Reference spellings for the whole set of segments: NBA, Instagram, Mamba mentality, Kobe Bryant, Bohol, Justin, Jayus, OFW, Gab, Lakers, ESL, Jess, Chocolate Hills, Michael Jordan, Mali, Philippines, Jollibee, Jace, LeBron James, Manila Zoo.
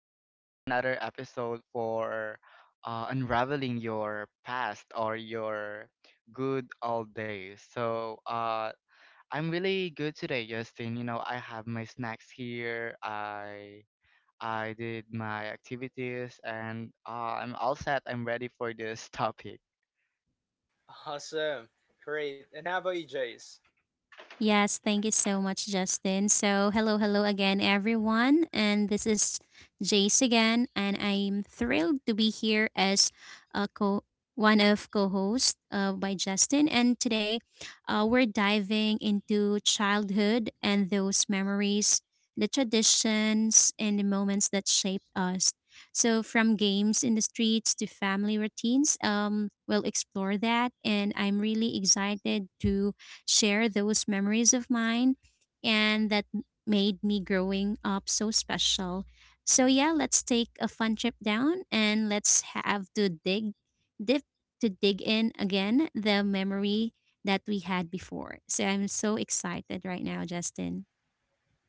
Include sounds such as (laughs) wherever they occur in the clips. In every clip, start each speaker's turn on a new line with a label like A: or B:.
A: and this is another episode for unraveling your past or your good old days. So I'm really good today, Justin. You know, I have my snacks here. I did my activities, and I'm all set. I'm ready for this (laughs) topic.
B: Awesome. Great. And how about you, Jace?
C: Yes, thank you so much, Justin. So, hello again, everyone. And this is Jace again, and I'm thrilled to be here as a co one of co-hosts by Justin. And today, we're diving into childhood and those memories, the traditions, and the moments that shaped us. So, from games in the streets to family routines, we'll explore that. And I'm really excited to share those memories of mine and made me growing up so special. So yeah, let's take a fun trip down and let's have dip to dig in again the memory that we had before. So I'm so excited right now, Justin.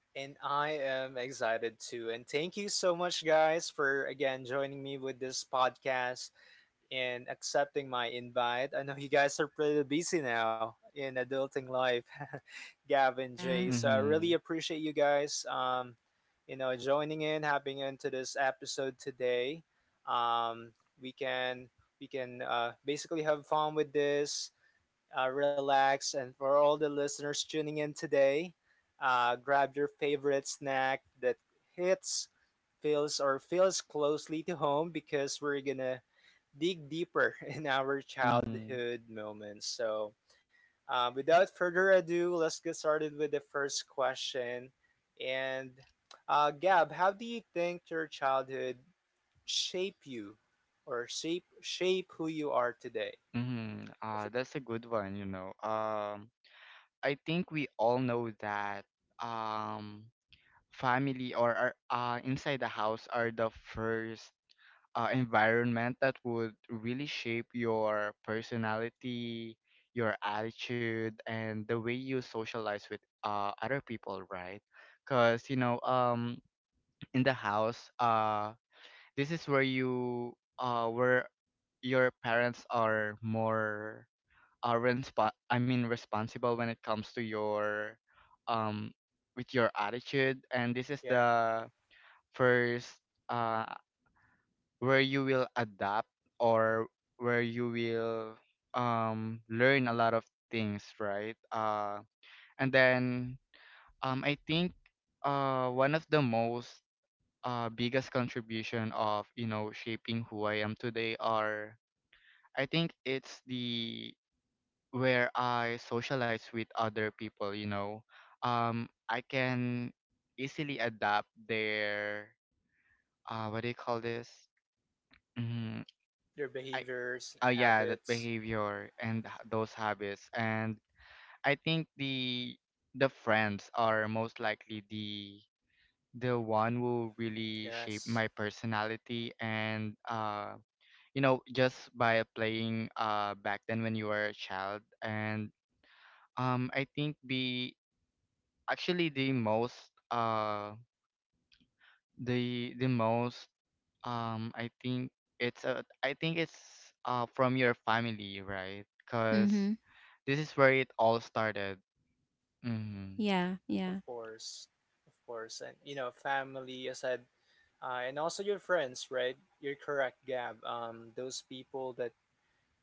B: And I am excited too. And thank you so much, guys, for again joining me with this podcast. And accepting my invite. I know you guys are pretty busy now in adulting life, (laughs) Gab and Jay.
C: Yeah.
B: So I really
A: Mm-hmm.
B: appreciate you guys, joining in, hopping into this episode today. Um, we can basically have fun with this relax. And for all the listeners tuning in today, grab your favorite snack that hits, feels, or feels closely to home because we're gonna dig deeper (laughs) in our
A: Mm-hmm.
B: childhood moments. So, without further ado, let's get started with the first question. And, Gab, how do you think your childhood shape you, or shape who you are today?
A: Mm-hmm. That's a good one, you know. I think we all know that um, family or inside the house are the first environment that would really shape your personality, your attitude, and the way you socialize with other people, right? Because in the house, this is where uh, where your parents are more are resp- I mean responsible when it comes to your um with your attitude, and this is
B: Yeah.
A: the first uh where you will adapt or where you will learn a lot of things, right? And then I think one of the most biggest contribution of shaping who I am today are, I think, it's the where I socialize with other people. I can easily adapt their— what do you call this? Mm,
B: Their
A: I
B: behaviors,
A: yeah, that
B: habits.
A: behavior and those habits. And I think the friends are most likely the one who really shape
B: Yes,
A: my personality. And you know, just by playing back then when you were a child. And I think be actually, uh the most I think it's from your family, right? Because
C: Mhm.
A: this is where it all started. Mhm.
C: Yeah,
B: of
C: yeah.
B: course, of course, and you know, family. I said, and also your friends, right? You're correct, Gab. Those people that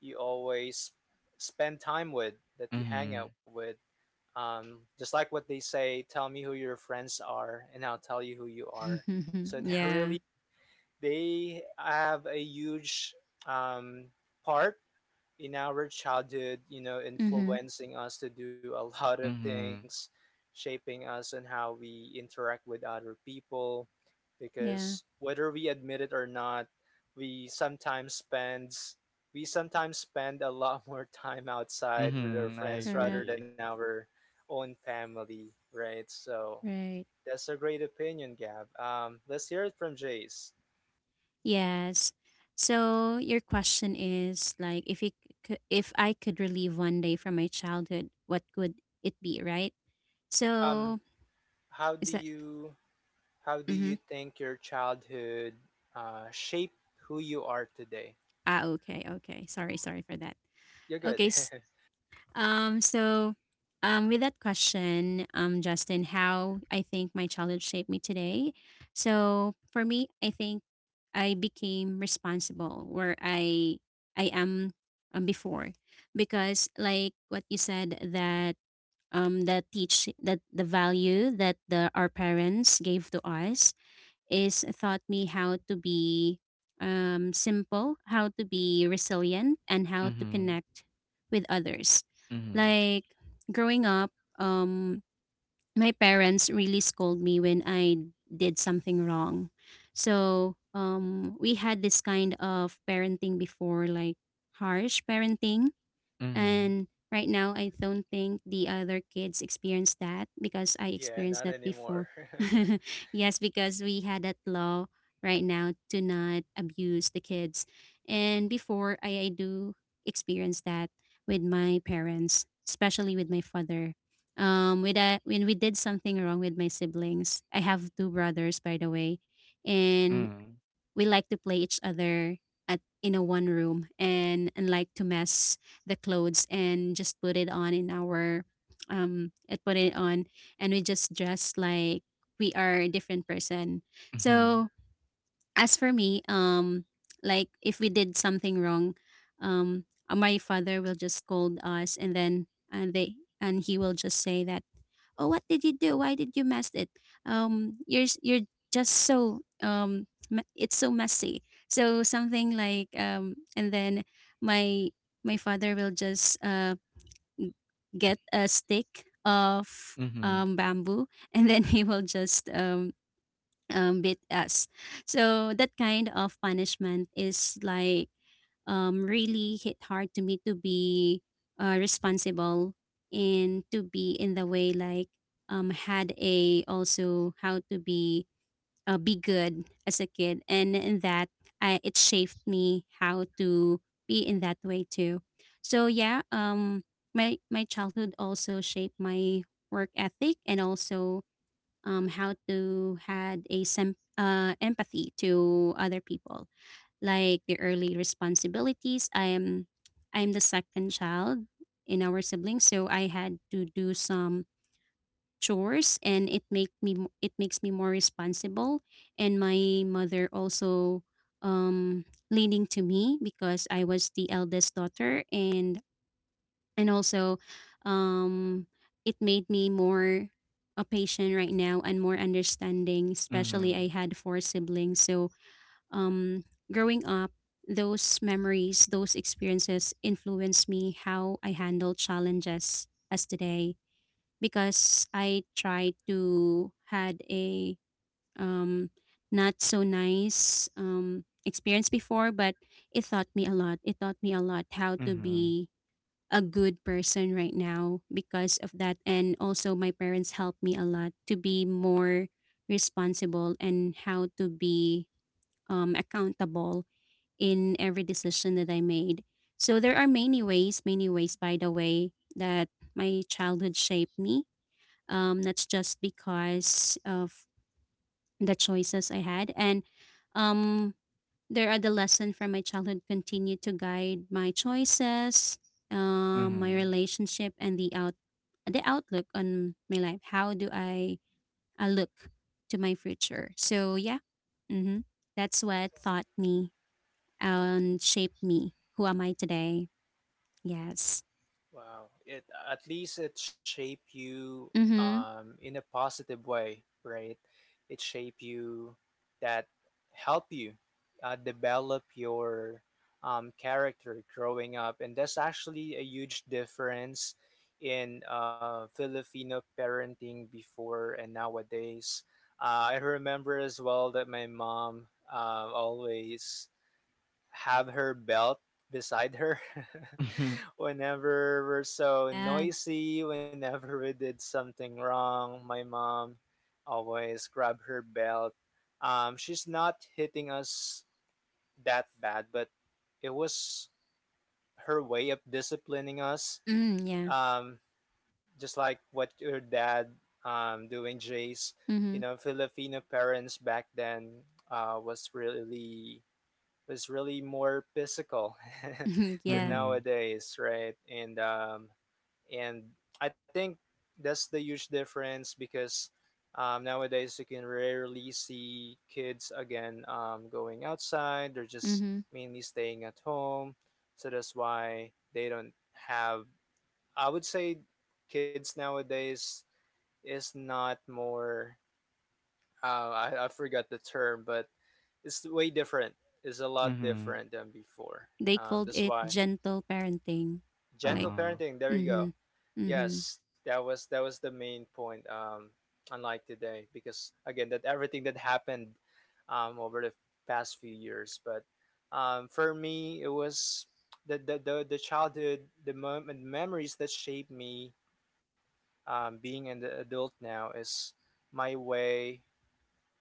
B: you always spend time with, that you hang
A: Mhm.
B: out with. Just like what they say, tell me who your friends are, and I'll tell you who you are. So (laughs)
C: (laughs)
B: they're
C: yeah.
B: really they have a huge um, part in our childhood, you know,
C: Mhm.
B: influencing us to do a (laughs) lot of
A: Mhm.
B: things, shaping us and how we interact with other people.
C: Yeah,
B: Because whether we admit it or not, we sometimes spend we sometimes spend a lot (laughs) more time outside with our
A: Mhm. I
B: friends rather
C: correct.
A: agree.
B: than our own family, right? So
C: Right.
B: that's a great opinion, Gab. Let's hear it from Jace.
C: Yes. So your question is like if I could relive one day from my childhood, what would it be, right?
B: Um,
C: So
B: how do
C: is that
B: you How do
C: mm-hmm.
B: you think your childhood shaped who you are today?
C: Ah, okay, sorry for that.
B: You're good.
C: Okay. So with that question Justin, how I think my childhood shaped me today. So for me, I think I became responsible where I am before because like what you said that the teach that the value that the our parents gave to us is taught me how to be simple, how to be resilient, and how to
A: Mhm.
C: connect with others.
A: Mhm.
C: Like growing up, um, my parents really scold me when I did something wrong. So we had this kind of parenting before, like harsh parenting,
A: Mhm.
C: and right now, I don't think the other kids experience that because I
B: (laughs) Yeah,
C: experienced
B: not
C: that
B: anymore.
C: before.
B: (laughs)
C: (laughs) yes, because we had that law right now to not abuse the kids. And before, I do experience that with my parents, especially with my father. When we did something wrong with my siblings, I have two brothers, by the way, and we like to play each other at in a one room and like to mess the clothes and just put it on in our and put it on and we just dress like we are a different person.
A: Mhm.
C: So as for me, like if we did something wrong, my father will just scold us and then and they and he will just say that, "Oh, what did you do? Why did you mess it you're you're just so it's so messy," so something like and then my my father will just n- get a stick of
A: Mhm.
C: bamboo (laughs) and then he will just beat us. So that kind of punishment is like really hit hard to me to be responsible and to be in the way like had a also how to be good as a kid, and in that I, it shaped me how to be in that way too. So yeah, my my childhood also shaped my work ethic and also how to had empathy to other people, like the early responsibilities. I'm the second child in our siblings, so I had to do some chores and it makes me more responsible. And my mother also um leaning to me because I was the eldest daughter, and also um it made me more a patient right now and more understanding, especially I
A: Mhm.
C: had four siblings. So um, growing up, those memories, those experiences influenced me how I handle challenges as today, because I tried to had a um, not so nice experience before, but it taught me a lot. It taught me a lot how to
A: Mhm.
C: be a good person right now because of that. And also, my parents helped me a lot to be more responsible and how to be accountable in every decision that I made. So there are many ways, by the way, that my childhood shaped me. That's just because of the choices I had. And um, there are the lessons from my childhood continue to guide my choices, my
A: Mhm.
C: relationship, and the outlook on my life. I look to my future. So yeah, mm-hmm, that's what taught me and shaped me. Who am I today? Yes.
B: Wow. It at least it shape you
C: Mm-hmm.
B: in a positive way, right? It shape you that help you develop your character growing up, and that's actually a huge difference in Filipino parenting before and nowadays. I remember as well that my mom always have her belt beside her (laughs) whenever we're so
C: Yeah.
B: noisy. Whenever we did something wrong my mom always grab her belt. She's not hitting us that bad but it was her way of disciplining us.
C: Mm, yeah.
B: um, just like what your dad doing, Jace. You know, Filipino parents back then was really more physical
C: Mm-hmm.
B: (laughs)
C: (laughs)
A: Mhm. Mhm.
B: than
A: Mhm.
C: yeah.
A: Mhm. (laughs)
B: nowadays, right? And I think that's the huge difference because nowadays you can rarely see kids again going outside. They're just
C: Mm-hmm.
B: mainly staying at home, so that's why they don't have. I would say kids nowadays is not more. I forgot the term, but it's way different. It's a lot different than before.
C: They called
B: That's
C: it
B: why
C: gentle parenting.
B: gentle
C: Like,
A: Uh-huh.
B: parenting. There you go.
C: mm-hmm. Mm-hmm.
B: Yes, that was the main point. Unlike today, because again, that everything that happened over the past few years. But for me, it was the childhood, the moment memories that shaped me. Being an adult now is my way.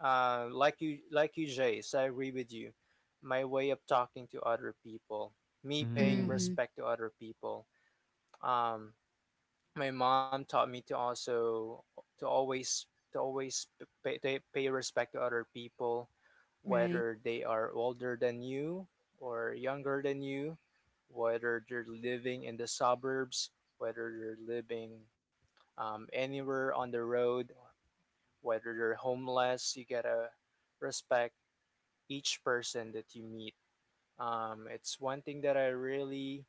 B: Like you, Jace, I agree with you. My way of talking to other people, me paying
A: Mhm.
C: Mm-hmm.
B: respect to other people. Um, my mom taught me to also to always to always pay to pay respect to other people,
C: Right.
B: whether they are older than you or younger than you, whether they're living in the suburbs, whether they're living anywhere on the road, whether they're homeless. You gotta respect each person that you meet. It's one thing that I really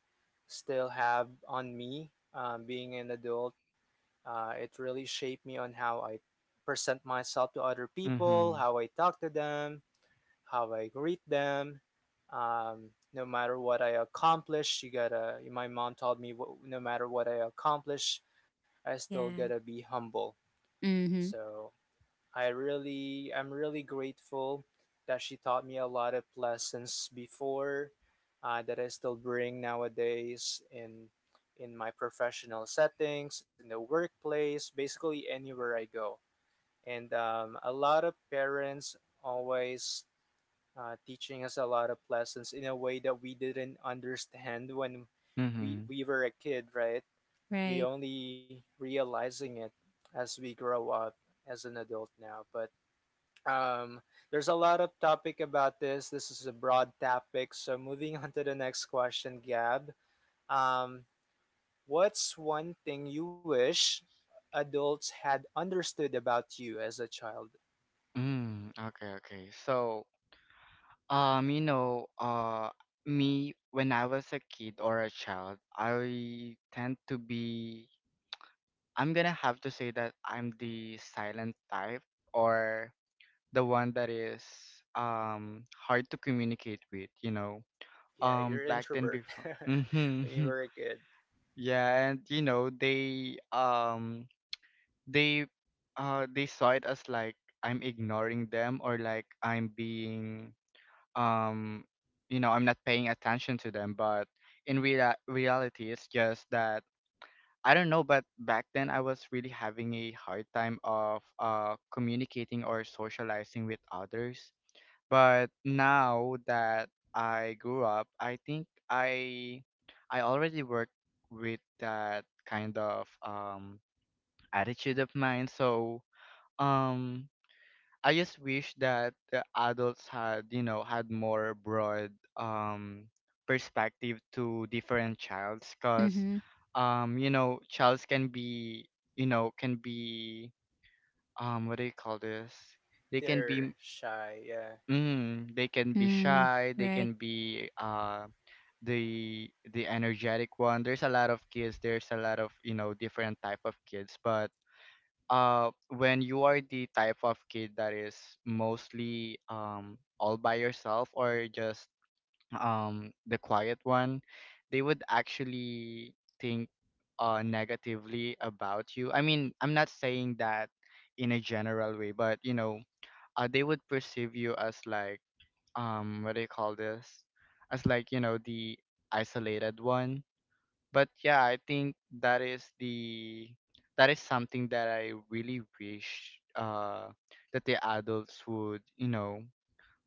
B: still have on me being an adult. It really shaped me on how I present myself to other people,
A: Mhm.
B: how I talk to them, how I greet them. No matter what I accomplish, you gotta. My mom told me, No matter what I accomplish, I still gotta
C: Yeah.
B: be humble.
C: Mm-hmm.
B: So I'm really grateful that she taught me a lot of lessons before that I still bring nowadays in my professional settings, in the workplace, basically anywhere I go. And a lot of parents always teaching us a lot of lessons in a way that we didn't understand when
A: Mhm.
B: we were a kid, right? We
C: Right.
B: only realizing it as we grow up as an adult now, but um, there's a lot of topic about this. This is a broad topic. So moving (laughs) on to the next question, Gab. Um, what's one thing you wish adults had understood about you as a child?
A: Okay, okay. So you know, me when I was a kid or a child, I tend to be— I'm gonna have to say that I'm the silent type, or the one that is hard to communicate with, you know.
B: Yeah, you're
A: Back then
B: introvert (laughs)
A: before, (laughs)
B: when you
A: mm-hmm,
B: were a kid.
A: yeah, and you know, they they saw it as like I'm ignoring them, or like I'm being um you know, I'm not paying attention to them. But in real reality, it's just that I don't know, but back then I was really having a hard time of communicating or socializing with others. But now that I grew up, I think I already work with that kind of attitude of mine. So um I just wish that the adults had, you know, had more broad um perspective to different childs. Because
C: Mm-hmm.
A: you know, childs can be, you know, can be— what do you call this? They can
B: They're
A: be—
B: shy. Yeah.
A: they can be
C: Mm.
A: shy, they can
C: Right.
A: be the energetic one. There's a lot of kids, there's a lot of, you know, different type of kids. But when you are the type of kid that is mostly all by yourself, or just the quiet one, they would actually think negatively about you. I mean, I'm not saying that in a general way, but you know, they would perceive you as like— what do you call this? As like, you know, the isolated one. But yeah, I think that is the— that is something that I really wish that the adults would, you know,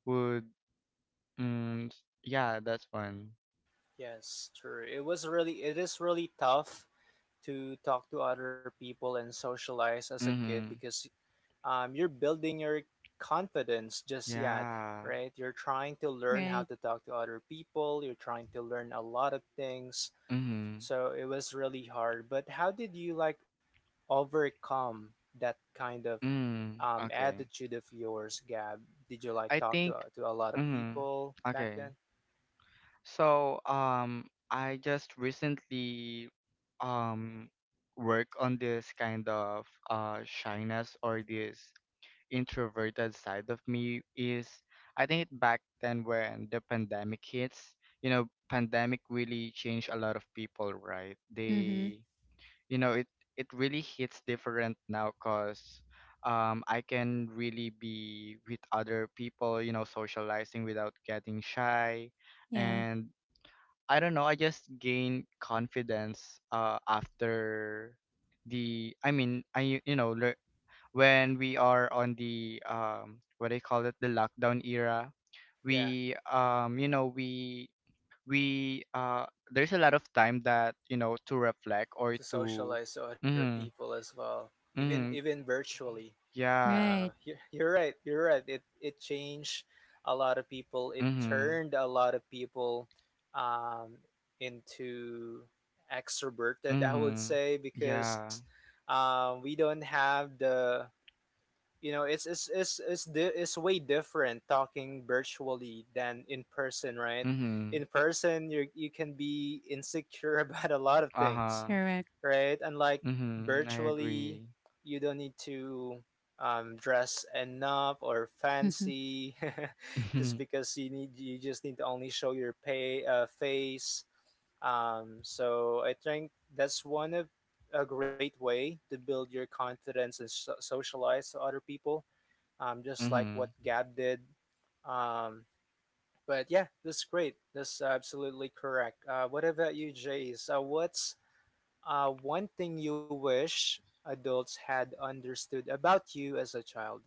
A: would— yeah, that's one.
B: Yes, true. It was really it is really tough to talk to other people and socialize as a kid
A: Mhm.
B: because you're building your confidence just yet,
A: Yeah.
B: right? You're trying to learn how
C: Right.
B: to talk to other people, you're trying to learn a lot of things.
A: Mhm.
B: So it was really hard. But how did you like overcome that kind of
A: Mm. Okay.
B: attitude of yours, Gab? Did you like
A: I
B: talk
A: think
B: to, a lot of
A: mm mhm.
B: people back
A: Okay.
B: then?
A: So, I just recently um work on this kind of shyness, or this introverted side of me, is I think back then when the pandemic hits, you know, pandemic really changed a lot of people, right?
C: Mm-hmm.
A: They, you know, it really hits different now, cause I can really be with other people, you know, socializing without getting shy.
C: Yeah.
A: And I don't know, I just gain confidence after the I mean I you know lear when we are on the what do call it, the lockdown era,
B: Yeah,
A: we you know, we there's a lot of time that, you know, to reflect or
B: to
A: to—
B: socialize to other
A: mhm,
B: people as well, even
A: mhm,
B: virtually.
A: yeah,
C: Right.
B: (laughs) You're right. You're right. It changed a lot of people. It
A: mhm,
B: turned a lot of people um, into extroverted. I would
A: mhm,
B: say
A: yeah,
B: because we don't have the you know it's way different talking virtually than in person, right?
A: mhm,
B: In person, you can be insecure (laughs) about a lot of things
A: uh-huh,
C: Correct.
B: right? And like
A: mhm, I
B: virtually,
A: agree,
B: you don't need to dress enough or
C: (laughs)
B: fancy,
A: (laughs)
B: (laughs) just
A: mhm,
B: because you just need to only show your pay face. So I think that's one of a great way to build your confidence and socialize to other people. Just like
A: mhm,
B: what Gab did. Um, but yeah, that's great. That's absolutely correct. What about you, Jace? What's one thing you wish adults had understood about you as a child.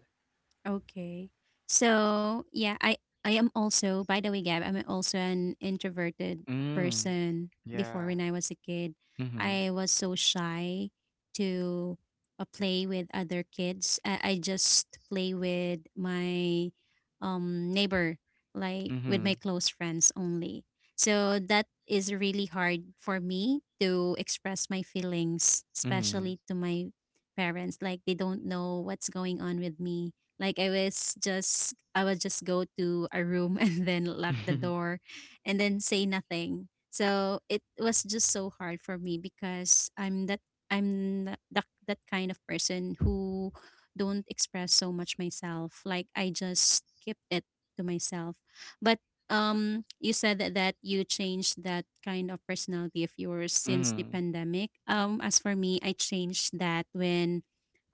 C: Okay. So yeah, I am also, by the way, Gab, I'm also an introverted
A: mm,
C: person before
A: yeah,
C: when I was a kid.
A: mhm,
C: I was so shy to play with other kids. I just play with my neighbor, like with my
A: mhm,
C: close friends only. So that is really hard for me to express my feelings,
A: mhm,
C: especially to my parents. Like they don't know what's going on with me, like I was just I would just go to a room (laughs) and then lock the
A: (laughs)
C: door and then say nothing. So it was just so hard for me because I'm that kind of person who don't express so much myself. Like I just keep it to myself. But you said that, that you changed that kind of personality of yours since the
A: mhm,
C: pandemic. As for me, I changed that when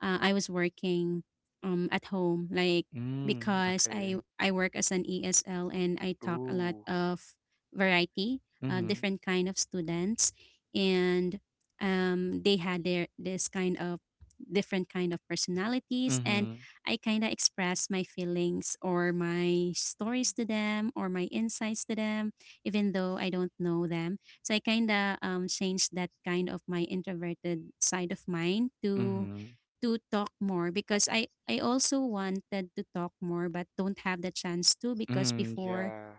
C: I was working at home, like
A: mhm,
C: because I
A: okay,
C: I work as an ESL and I talk a lot
A: ooh.
C: of variety,
A: Mhm.
C: different kind of students, and they had their this kind of different kind of personalities, and
A: Mhm.
C: I kind of express my feelings or my stories to them or my insights to them, even though I don't know them. So I kind of changed that kind of my introverted side of mine
A: Mhm.
C: to talk more, because I also wanted to talk more but don't have the chance to. Because
A: Mm,
C: before,
A: yeah.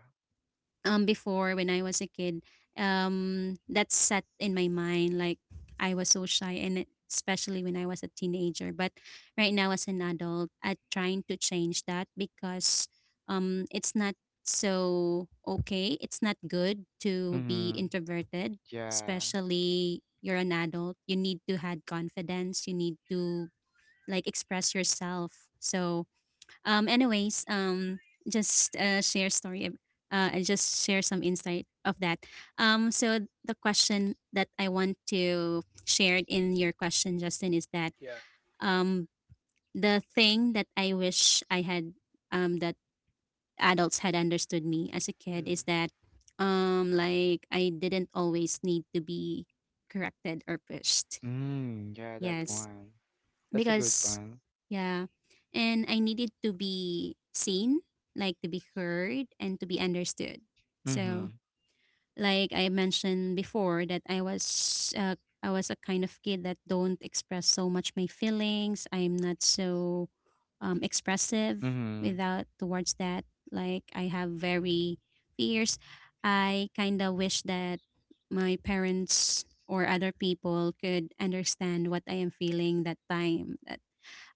C: when I was a kid, that set in my mind like I was so shy, especially when I was a teenager. But right now as an adult, I'm trying to change that because it's not so okay, it's not good to be
A: Mhm.
C: introverted,
A: Yeah.
C: especially you're an adult, you need to have confidence, you need to like express yourself. So, anyways, just share story, ab- and just share some insight of that. So the question that I want to share in your question, Justin, is that
B: Yeah.
C: um, the thing that I wish I had, that adults had understood me as a kid, is
B: Mm,
C: that, like I didn't always need to be corrected or pushed.
A: Mm, yeah, that
B: Ooh.
C: Yes,
A: one. That's a good
C: because
A: one.
C: yeah, and I needed to be seen, like to be heard and to be understood. So,
A: Mhm.
C: like I mentioned before, that I was a kind of kid that don't express so much my feelings. I'm not so expressive
A: Mhm.
C: without towards that. Like I have very fierce. I kind of wish that my parents or other people could understand what I am feeling that time.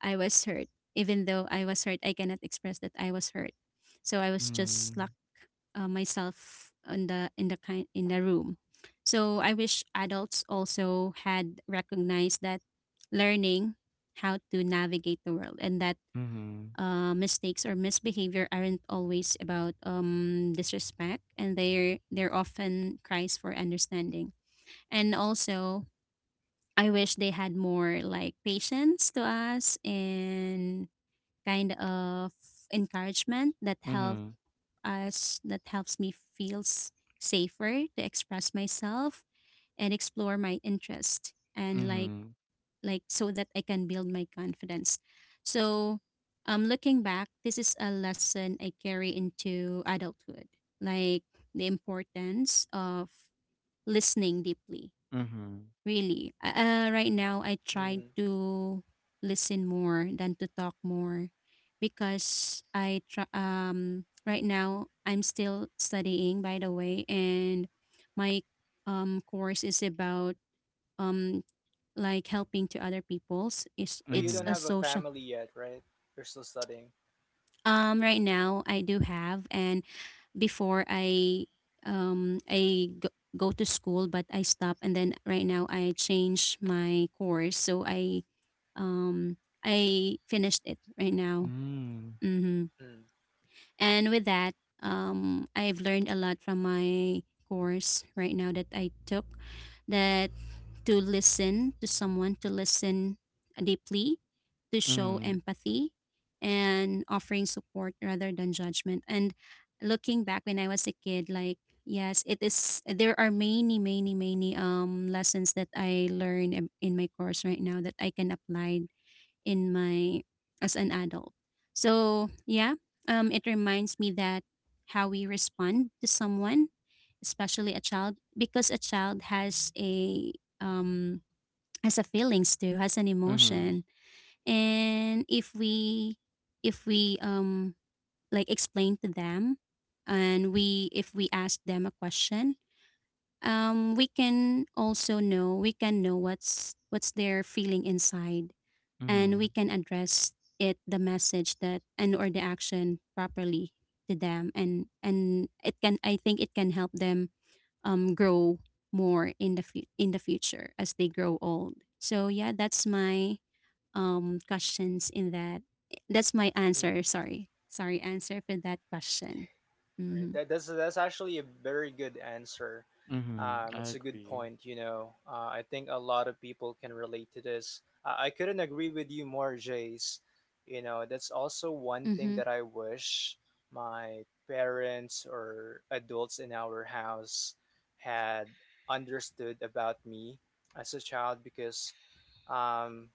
C: I was hurt. Even though I was hurt, I cannot express that I was hurt. So I was just
A: Mm.
C: locked myself on the in the kind in the room. So I wish adults also had recognized that learning how to navigate the world, and that
A: Mhm.
C: mistakes or misbehavior aren't always about disrespect, and they're often cries for understanding. And also, I wish they had more like patience to us and kind of encouragement that help
A: Mhm.
C: us that helps me feel safer to express myself and explore my interest, and
A: Mhm.
C: like so that I can build my confidence. So looking back, this is a lesson I carry into adulthood. Like the importance of listening deeply.
A: Mhm.
C: Really. Right now, I
B: Mm.
C: try to listen more than to talk more because I try, right now I'm still studying, by the way, and my course is about um like helping to other people's,
B: But you
C: it's
B: don't
C: a
A: Mhm.
B: have a
C: social.
B: family yet, right? You're still studying.
C: Right now I do have, and before I um I go, go to school, but I stop, and then right now I change my course, so Um, I finished it right now.
A: Mm.
C: Hmm.
B: Mm,
C: And with that, I've learned a lot from my course right now that I took, that to listen to someone, to listen deeply, to show
A: Mhm.
C: empathy, and offering support rather than judgment. And looking back when I was a kid, like, yes, it is, there are many, many, many lessons that I learned in my course right now that I can apply in my as an adult. So yeah, it reminds me that how we respond to someone, especially a child, because a child um, has a feelings too, has an
A: Mhm.
C: emotion, and if we if we um like explain to them, and we if we ask them a question, we can know what's their feeling inside, and we
A: Mhm.
C: can address it, the message that and or the action properly to them. And it can I think it can help them grow more in the in the future as they grow old. So yeah, that's my questions in that that's my
B: mm.
C: answer. Sorry, answer for that question.
B: Right.
C: Mhm.
B: That's actually a very good answer.
A: Mhm. I
B: It's a good
A: agree.
B: point. You know, I think a lot of people can relate to this. I couldn't agree with you more, Jace. You know, that's also one
C: Mhm.
B: thing that I wish my parents or adults in our house had understood about me as a child, because um,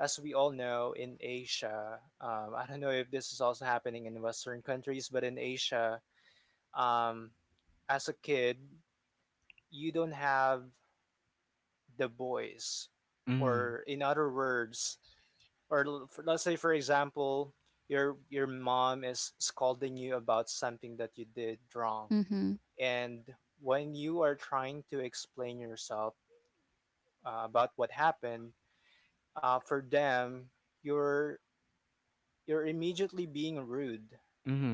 B: as we all know, in Asia, I don't know if this is also happening in Western countries, but in Asia um, as a kid, you don't have the voice,
A: Mhm.
B: or in other words, or let's say for example, your mom is scolding you about something that you did wrong,
C: Mhm.
B: and when you are trying to explain yourself about what happened, for them, you're you're immediately being rude,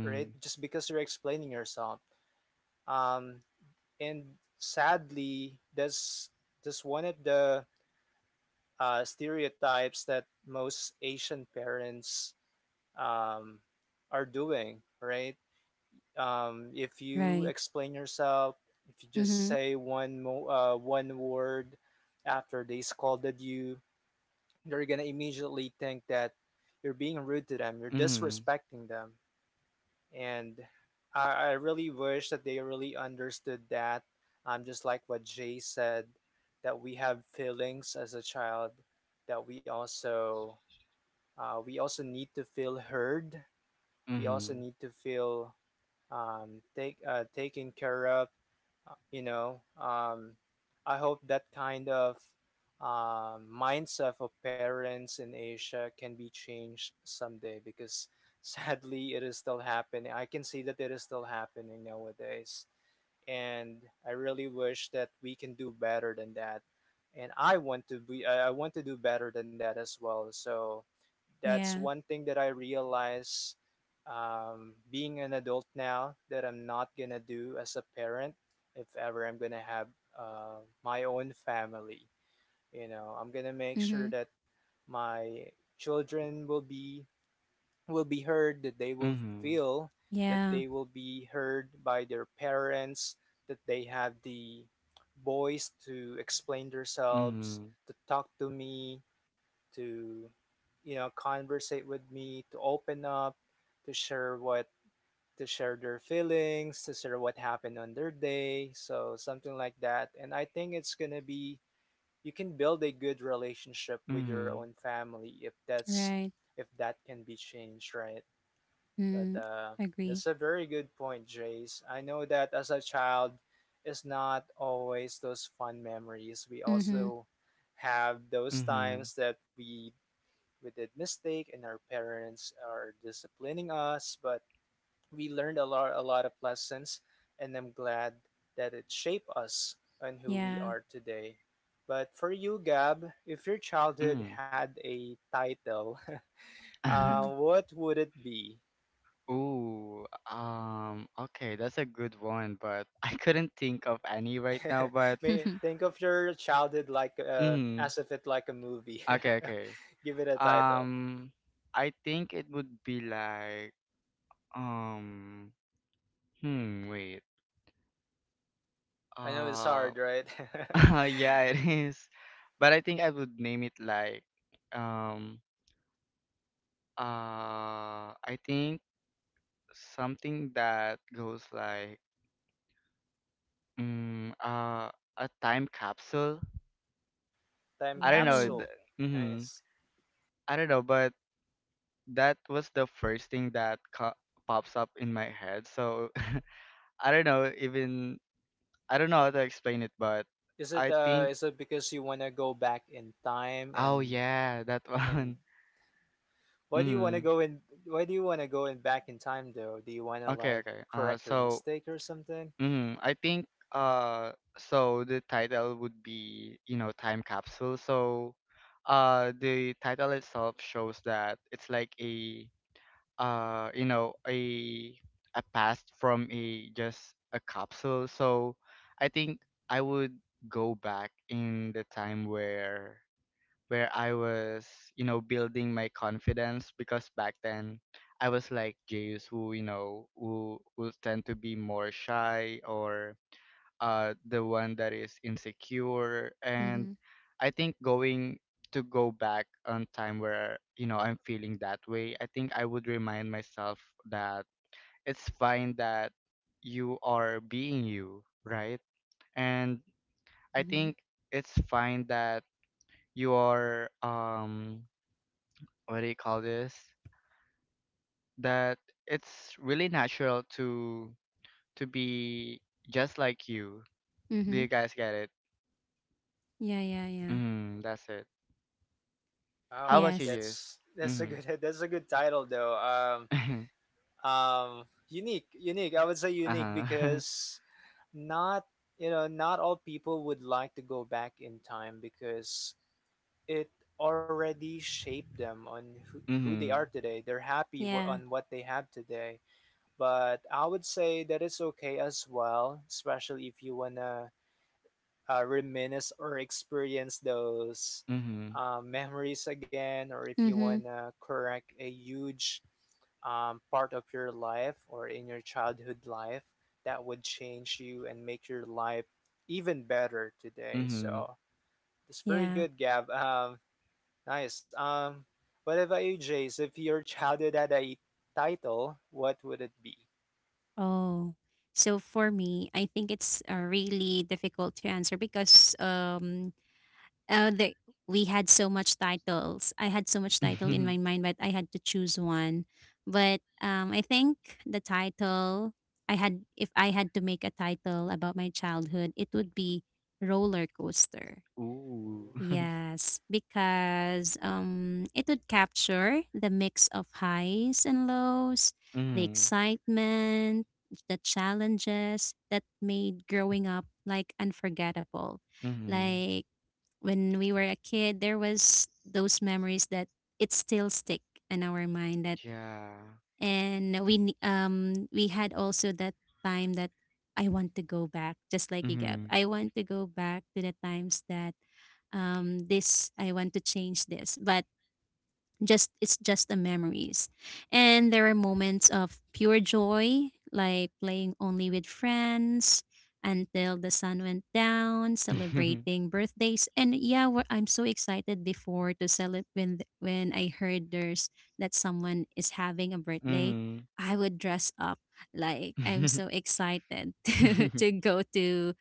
B: right? Just because you're explaining yourself. Um, and sadly that's one of the stereotypes that most Asian parents um, are doing right. If you
C: Right.
B: explain yourself, if you just
C: Mhm.
B: say one word after they scolded you, they're gonna immediately think that you're being rude to them, you're
A: Mhm.
B: disrespecting them. And I really wish that they really understood that just like what Jay said, that we have feelings as a child, that we also need to feel heard, we also
A: Mhm.
B: need to feel taken care of. You know, I hope that kind of mindset of parents in Asia can be changed someday because (laughs) sadly it is still happening. I can see that it is still happening nowadays and I really wish that we can do better than that. And I want to do better than that as well. So that's
C: Yeah.
B: one thing that I realize being an adult now that I'm not gonna do as a parent if ever I'm gonna have my own family. You know, I'm gonna make
C: Mhm.
B: sure that my children will be heard, that they will
A: Mhm.
B: feel that
C: Yeah.
B: they will be heard by their parents, that they have the voice to explain themselves,
A: Mhm.
B: to talk to me, to conversate with me, to open up, to share what to share their feelings, to share what happened on their day. So something like that. And I think it's going to be, you can build a good relationship with your
A: Mhm.
B: own family if that's
C: Right.
B: if that can be changed, right? but
C: Mm. Agree.
B: That's a very good point, Jace. I know that as a child, it's not always those fun memories. We
C: Mhm.
B: also have those
A: Mhm.
B: times that we did mistake and our parents are disciplining us, but we learned a lot of lessons, and I'm glad that it shaped us and who we
C: Yeah.
B: are today. But for you, Gab, if your childhood
A: Mhm.
B: had a title, (laughs)
C: Mm.
A: (laughs)
B: what would it be?
A: Ooh, okay, that's a good one, but (laughs) I couldn't think of any right now, but
B: (laughs) May
C: (laughs)
B: think of your childhood like
A: mm,
B: as if it like a movie.
A: okay,
B: (laughs)
A: okay.
B: Give it a title.
A: Um, I think it would be like, um, hmm, wait.
B: I know it's
A: Uh,
B: hard, right?
A: (laughs) yeah, it is. But I think I would name it like, um, I think something that goes like, mm, uh, a time capsule.
B: (laughs) Time
A: I don't know.
C: Oh.
B: capsule.
A: Mm-hmm.
B: Nice.
A: I don't know, but that was the first thing that pops up in my head. So (laughs) I don't know, even I don't know how to explain it, but I think—
B: Is it because you want to go back in time?
A: oh
B: And
A: yeah, that (laughs)
B: and
A: one. Mm.
B: why do you want to go in back in time though? Do you want to
A: Okay,
B: like
A: okay.
B: correct your mistake or something?
A: I think so the title would be, you know, time capsule. So the title itself shows that it's like a you know, a past from a— just a capsule. So I think I would go back in the time where— where I was, you know, building my confidence. Because back then I was like Jayus, who, you know, who will tend to be more shy, or the one that is insecure. And
C: Mm-hmm.
A: I think going— to go back on time where, you know, I'm feeling that way, I think I would remind myself that it's fine that you are being you, right? And I
C: Mm-hmm.
A: think it's fine that you are, what do you call this, that it's really natural to— to be just like you.
C: Mm-hmm.
A: Do you guys get it?
C: Yeah, yeah, yeah.
A: That's it. How
B: Oh,
A: about you,
C: Yes.
A: Jess?
B: that's a
A: Mm-hmm.
B: good (laughs) that's a good title though.
A: (laughs)
B: Unique. I would say unique,
A: Uh-huh.
B: because not you know, not all people would like to go back in time because it already shaped them on
A: (laughs)
B: who they are
A: mm-hmm.
B: today. They're happy w-
C: Yeah.
B: on what they have today. But I would say that it's okay as well, especially if you wanna reminisce or experience those
A: Mm-hmm.
B: memories again, or if you
C: Mm-hmm.
B: wanna correct a huge part of your life or in your childhood life that would change you and make your life even better today.
A: Mm-hmm.
B: So it's very
C: Yeah.
B: good, Gab. (laughs) Nice. What about you, Jace? If your childhood had a title, what would it be?
C: Oh. So for me, I think it's really difficult to answer because uh, the, we had so much titles. I had so much title in my mind, but I had to choose one. But I think the title, I had if I had to make a title about my childhood, it would be roller coaster.
A: (laughs) Ooh. (laughs)
C: Yes, because it would capture the mix of highs and lows, the
A: mm-hmm.
C: excitement, the challenges that made growing up like unforgettable.
A: Mm-hmm.
C: Like when we were a kid, there was those memories that it still stick in our mind. That,
A: Yeah.
C: and we had also that time that I want to go back, just like you, Gab.
A: Mm-hmm.
C: I want to go back to the times that, this I want to change this, but just it's just the memories, and there are moments of pure joy, like playing only with friends until the sun went down,
A: (laughs)
C: celebrating birthdays. And yeah, we I'm so excited before to celebrate when, when I heard there's that someone is having a birthday,
A: Mm-hmm.
C: I would dress up, like I'm so
A: (laughs)
C: excited (laughs) to go to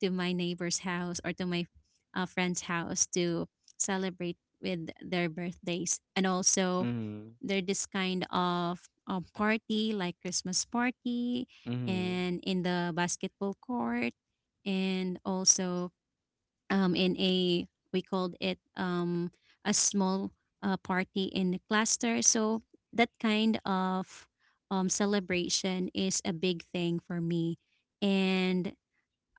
C: to my neighbor's house or to my friend's house to celebrate with their birthdays. And also they're this kind of party, like Christmas party,
A: Mm-hmm.
C: and in the basketball court, and also, in a we called it a small party in the cluster. So that kind of celebration is a big thing for me. And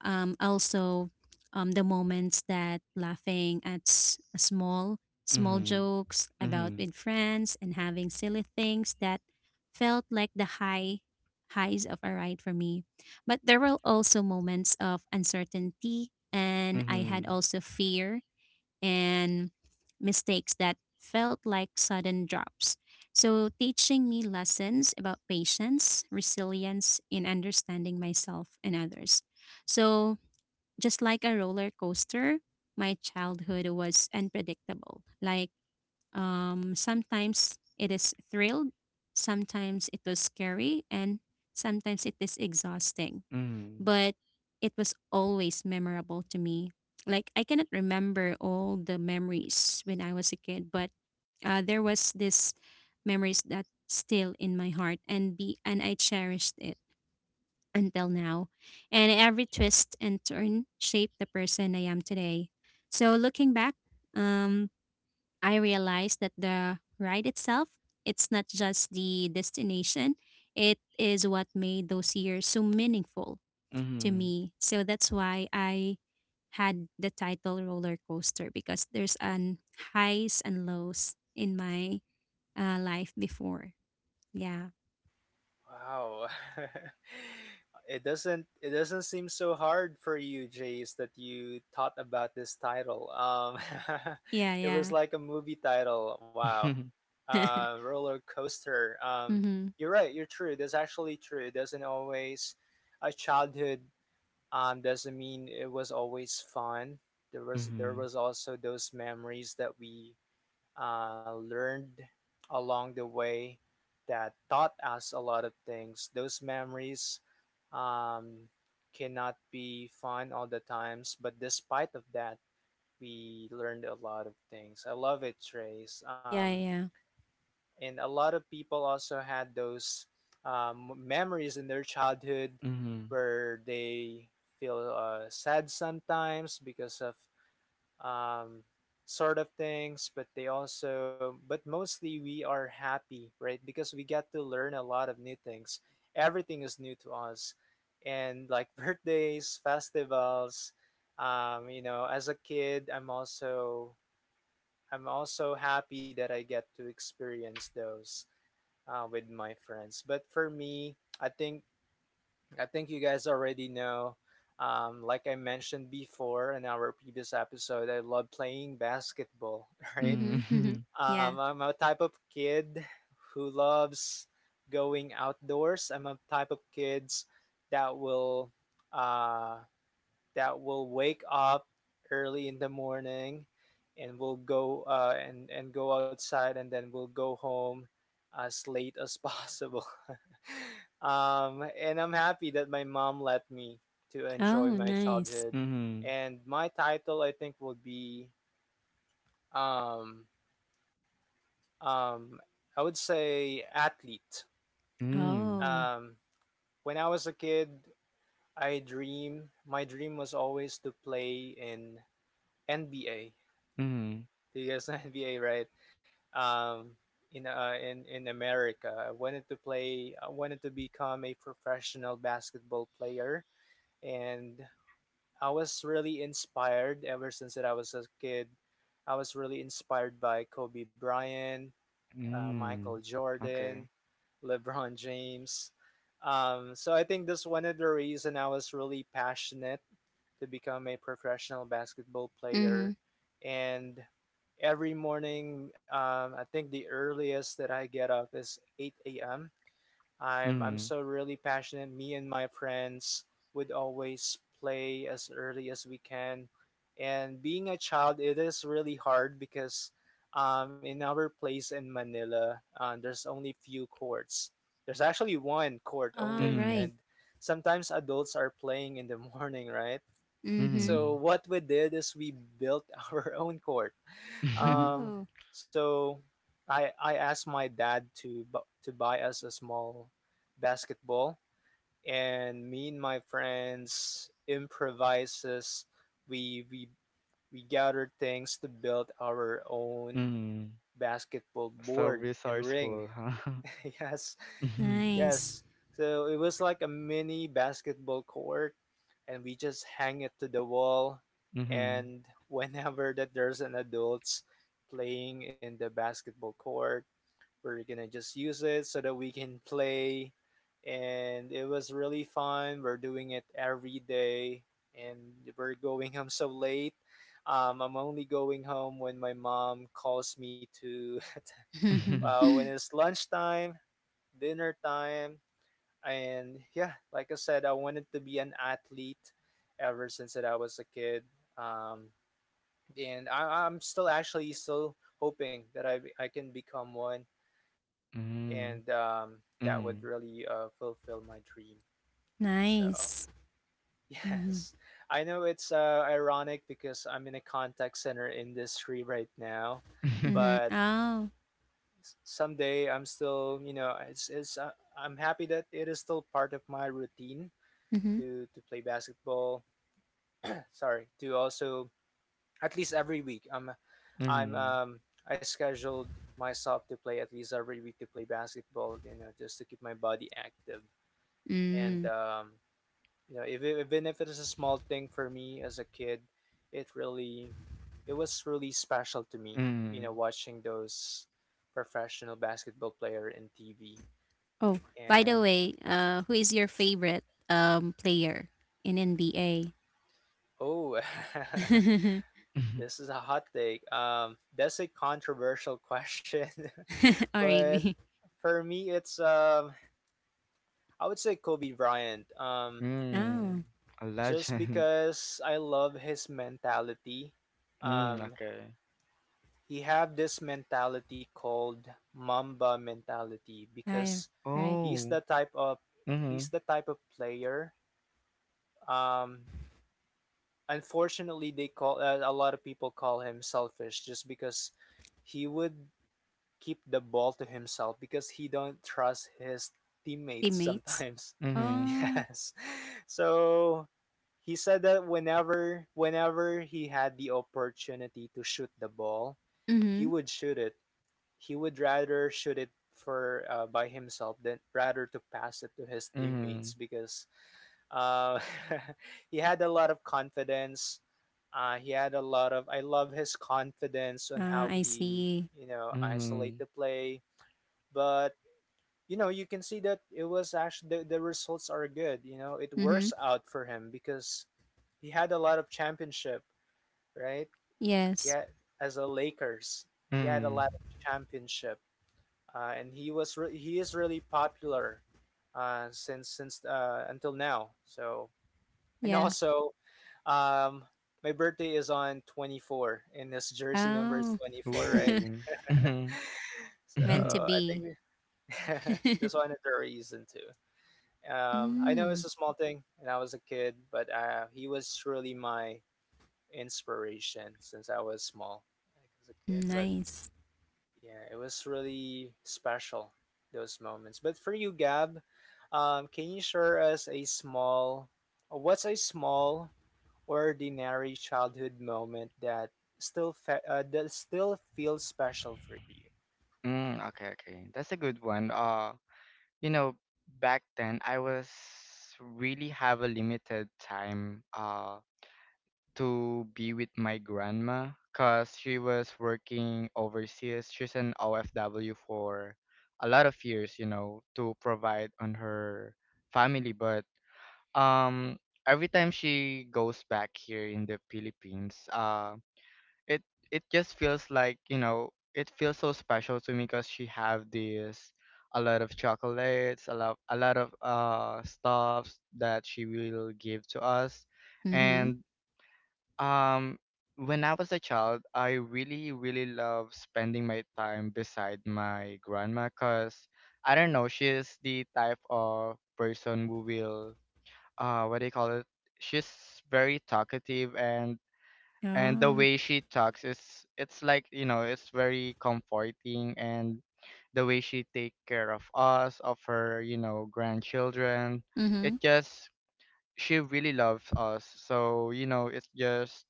C: also the moments that laughing at small
A: Mm-hmm.
C: jokes about
A: Mm-hmm.
C: with friends and having silly things that felt like the highs of a ride for me. But there were also moments of uncertainty, and I had
A: Mm-hmm.
C: also fear, and mistakes that felt like sudden drops, so teaching me lessons about patience, resilience, and understanding myself and others. So just like a roller coaster, my childhood was unpredictable. Like, sometimes it is thrilled, sometimes it was scary, and sometimes it is exhausting. But it was always memorable to me. Like, I cannot remember all the memories when I was a kid, but there was this memories that still in my heart, and be and I cherished it until now, and every twist and turn shaped the person I am today. So looking back, um, I realized that the ride itself, it's not just the destination, it is what made those years so meaningful
A: Mm-hmm.
C: to
A: Mm-hmm.
C: me. So that's why I had the title roller coaster, because there's an highs and lows in my life before. Yeah.
B: Wow. (laughs) It doesn't it doesn't seem so hard for you, Jace, that you thought about this title. (laughs)
C: Yeah,
B: It was
C: yeah.
B: like a movie title. Wow.
A: Mm-hmm. (laughs)
B: Uh,
C: (laughs)
B: roller coaster.
C: Mm-hmm.
B: You're right, you're true. That's actually true. It doesn't always, a childhood doesn't mean it was always fun. There
A: Mm-hmm.
B: was also those memories that we learned along the way that taught us a lot of things. Those memories um, cannot be fun all the times, but despite of that, we learned a lot of things. I love it, Trace.
C: Yeah, yeah.
B: And a lot of people also had those memories in their childhood
A: Mm-hmm.
B: where they feel sad sometimes because of um, sort of things. But they also, but mostly we are happy, right? Because we get to learn a lot of new things, everything is new to us, and like (laughs) birthdays, festivals, you know, as a kid, I'm also happy that I get to experience those with my friends. But for me, i think I think you guys already know. Like I mentioned before in our previous episode, I love playing basketball, (laughs) right?
C: Mhm, mhm.
A: Mm-hmm. (laughs)
C: Yeah.
B: I'm a type of kid who loves going outdoors. I'm a type of kids that will uh, wake up early in the morning and will go and go outside, and then we'll go home as late as possible. (laughs) And I'm happy that my mom let me to enjoy
C: Oh,
B: my
C: nice.
B: childhood.
A: Mm-hmm.
B: And my title, I think, would be um, um, I would say athlete.
A: Mm-hmm.
C: Oh.
B: Um, when I was a kid, I dream. My dream was always to play in NBA.
A: Mm-hmm.
B: The US NBA, (laughs) right? Um, in America, I wanted to play. I wanted to become a professional basketball player, and I was really inspired ever since that I was a kid. I was really inspired by Kobe Bryant, Michael
A: (laughs)
B: Jordan,
A: Okay.
B: LeBron James. So I think that's one of the reason I was really passionate to become a professional basketball player.
C: Mhm.
B: And every morning, I think the earliest that I get up is 8 a.m. I'm
A: Mm-hmm.
B: so really passionate. Me and my friends would always play as early as we can. And being a child, it is really hard because in our place in Manila, there's only few courts. There's actually one court
C: All
B: only, and
C: right.
B: sometimes adults are playing in the (laughs) morning, right?
C: Mhm.
B: So
A: Mm-hmm.
B: what we did is we built (laughs) our own court.
A: (laughs)
B: Um,
C: Oh,
B: so I asked my dad to buy us a small basketball, and me and my friends improvises. We we we gathered things to build our own
A: mm.
B: basketball
A: So
B: board and ring.
A: resourceful, huh? (laughs)
B: (laughs) Yes,
C: nice.
B: yes. So it was like a mini basketball court, and we just hang it to the wall,
A: Mhm,
B: and (laughs) whenever that there's an adults playing in the basketball court, we're going to just use it so that we can play, and it was really fun. We're doing it every day, and we're going home so late. I'm only going home when my mom calls me to (laughs)
A: mhm,
C: (laughs)
B: when it's lunchtime, dinner time. And yeah, like I said, I wanted to be an athlete ever since that I was a kid. Um, and I'm still actually still hoping that I can become one, and
A: mhm,
B: that would
A: mhm,
B: really
A: mhm,
B: fulfill my dream. So
C: Nice.
B: (laughs) yes,
C: Mhm.
B: I know it's ironic because I'm in a contact center industry right now,
C: Mhm.
A: (laughs)
B: but
C: Oh.
B: someday I'm still, you know, it's I'm happy that it is still part of my routine
C: Mhm.
B: to play basketball. (laughs) Sorry, to also at least every week. I'm
A: mhm,
B: um I scheduled myself to play at least every week to play basketball. You know, just to keep my body active
C: Mm.
B: and you know, if it, even if it is a small thing for me as a kid, it really it was really special to me. You know,
A: mhm,
B: watching those professional basketball player in TV
C: Oh, by the
B: and
C: way, who is your favorite player in NBA?
B: oh (laughs)
C: (laughs)
B: this is
A: (laughs)
B: a hot take. That's a controversial question, (laughs)
C: Or
B: but
C: really?
B: for me, it's I would say Kobe Bryant.
C: Oh.
A: mhm. A
B: Just
A: legend. (laughs)
B: because I love his mentality.
A: Mm,
B: Um,
A: okay.
B: he have this mentality called Mamba mentality
C: I
B: because
C: Right.
B: he's the
A: Oh.
B: type of he's
A: Mhm,
B: the type of player. Um, unfortunately, they call a lot of people call him selfish just because he would keep the ball to himself because he don't trust his teammates
C: Teammates?
B: sometimes. (laughs)
A: mhm,
C: Oh.
B: Yes. So he said that whenever he had the opportunity to shoot the ball,
C: Mhm.
B: he would shoot it. He would rather shoot it for by himself than rather to pass it to his teammates,
A: mhm,
B: because uh, (laughs) he had a lot of confidence. He had a lot of. I love his confidence on how
C: I
B: he,
C: see.
B: you know, isolate
A: mhm,
B: the play. But you know, you can see that it was actually the results are good. You know, it
C: Mhm.
B: works out for him because he had a lot of championship, right?
C: Yes.
B: Yeah, as a Lakers, he had a
A: mhm.
B: lot of championship, and he was he is really popular since until now. So, and
C: Yeah.
B: also, um, my birthday is on 24th, and his jersey number
C: Oh,
B: is 24, right?
C: (laughs)
A: Ooh. Mhm,
B: (laughs)
A: (laughs)
C: meant to
A: mhm.
B: So I
C: be.
B: think (laughs) this
C: (laughs)
B: one is the reason too. I know
C: Mm,
B: it's a small thing, and I was a kid, but he was really my inspiration since I was small, like as a kid. But
C: nice.
B: yeah, it was really special those moments. But for you, Gab, can you share us a small, what's a small ordinary childhood moment that that still feels special for you,
A: Mm, okay, okay. That's a good one. You know, back then I was really have a limited time. To be with my grandma because she was working overseas. She's an OFW for a lot of years, you know, to provide on her family. But um, every time she goes back here in the Philippines, it it just feels like, you know, it feels so special to me, because she have this a lot of chocolates, a lot of stuffs that she will give to us.
C: Mm-hmm.
A: And um, when I was a child, I really, really love spending my time beside my grandma, because I don't know, she's the type of person who will, what do you call it? She's very talkative. And the
C: Oh.
A: way she talks is, it's like, you know, it's very comforting. And the way she take care of us, of her, you know, grandchildren—
C: Mm-hmm.
A: it just— she really loves us. So, you know, it's just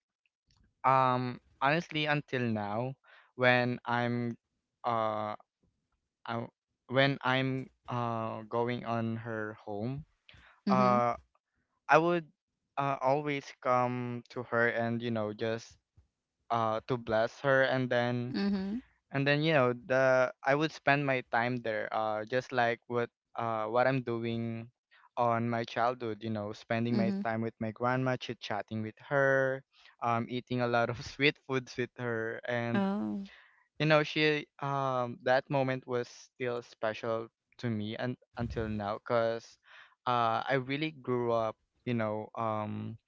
A: honestly, until now, when I'm uh I, when I'm going on her home,
C: Mm-hmm.
A: uh I would always come to her, and you know, just to bless her, and then—
C: Mm-hmm.
A: and then, you know, the I would spend my time there, just like what I'm doing on my childhood, you know, spending my
C: Mm-hmm.
A: time with my grandma, chit chatting with her, eating a lot of (laughs) sweet foods with her. And
C: Oh,
A: you know, she that moment was still special to me, and until now, cuz I really grew up, you know,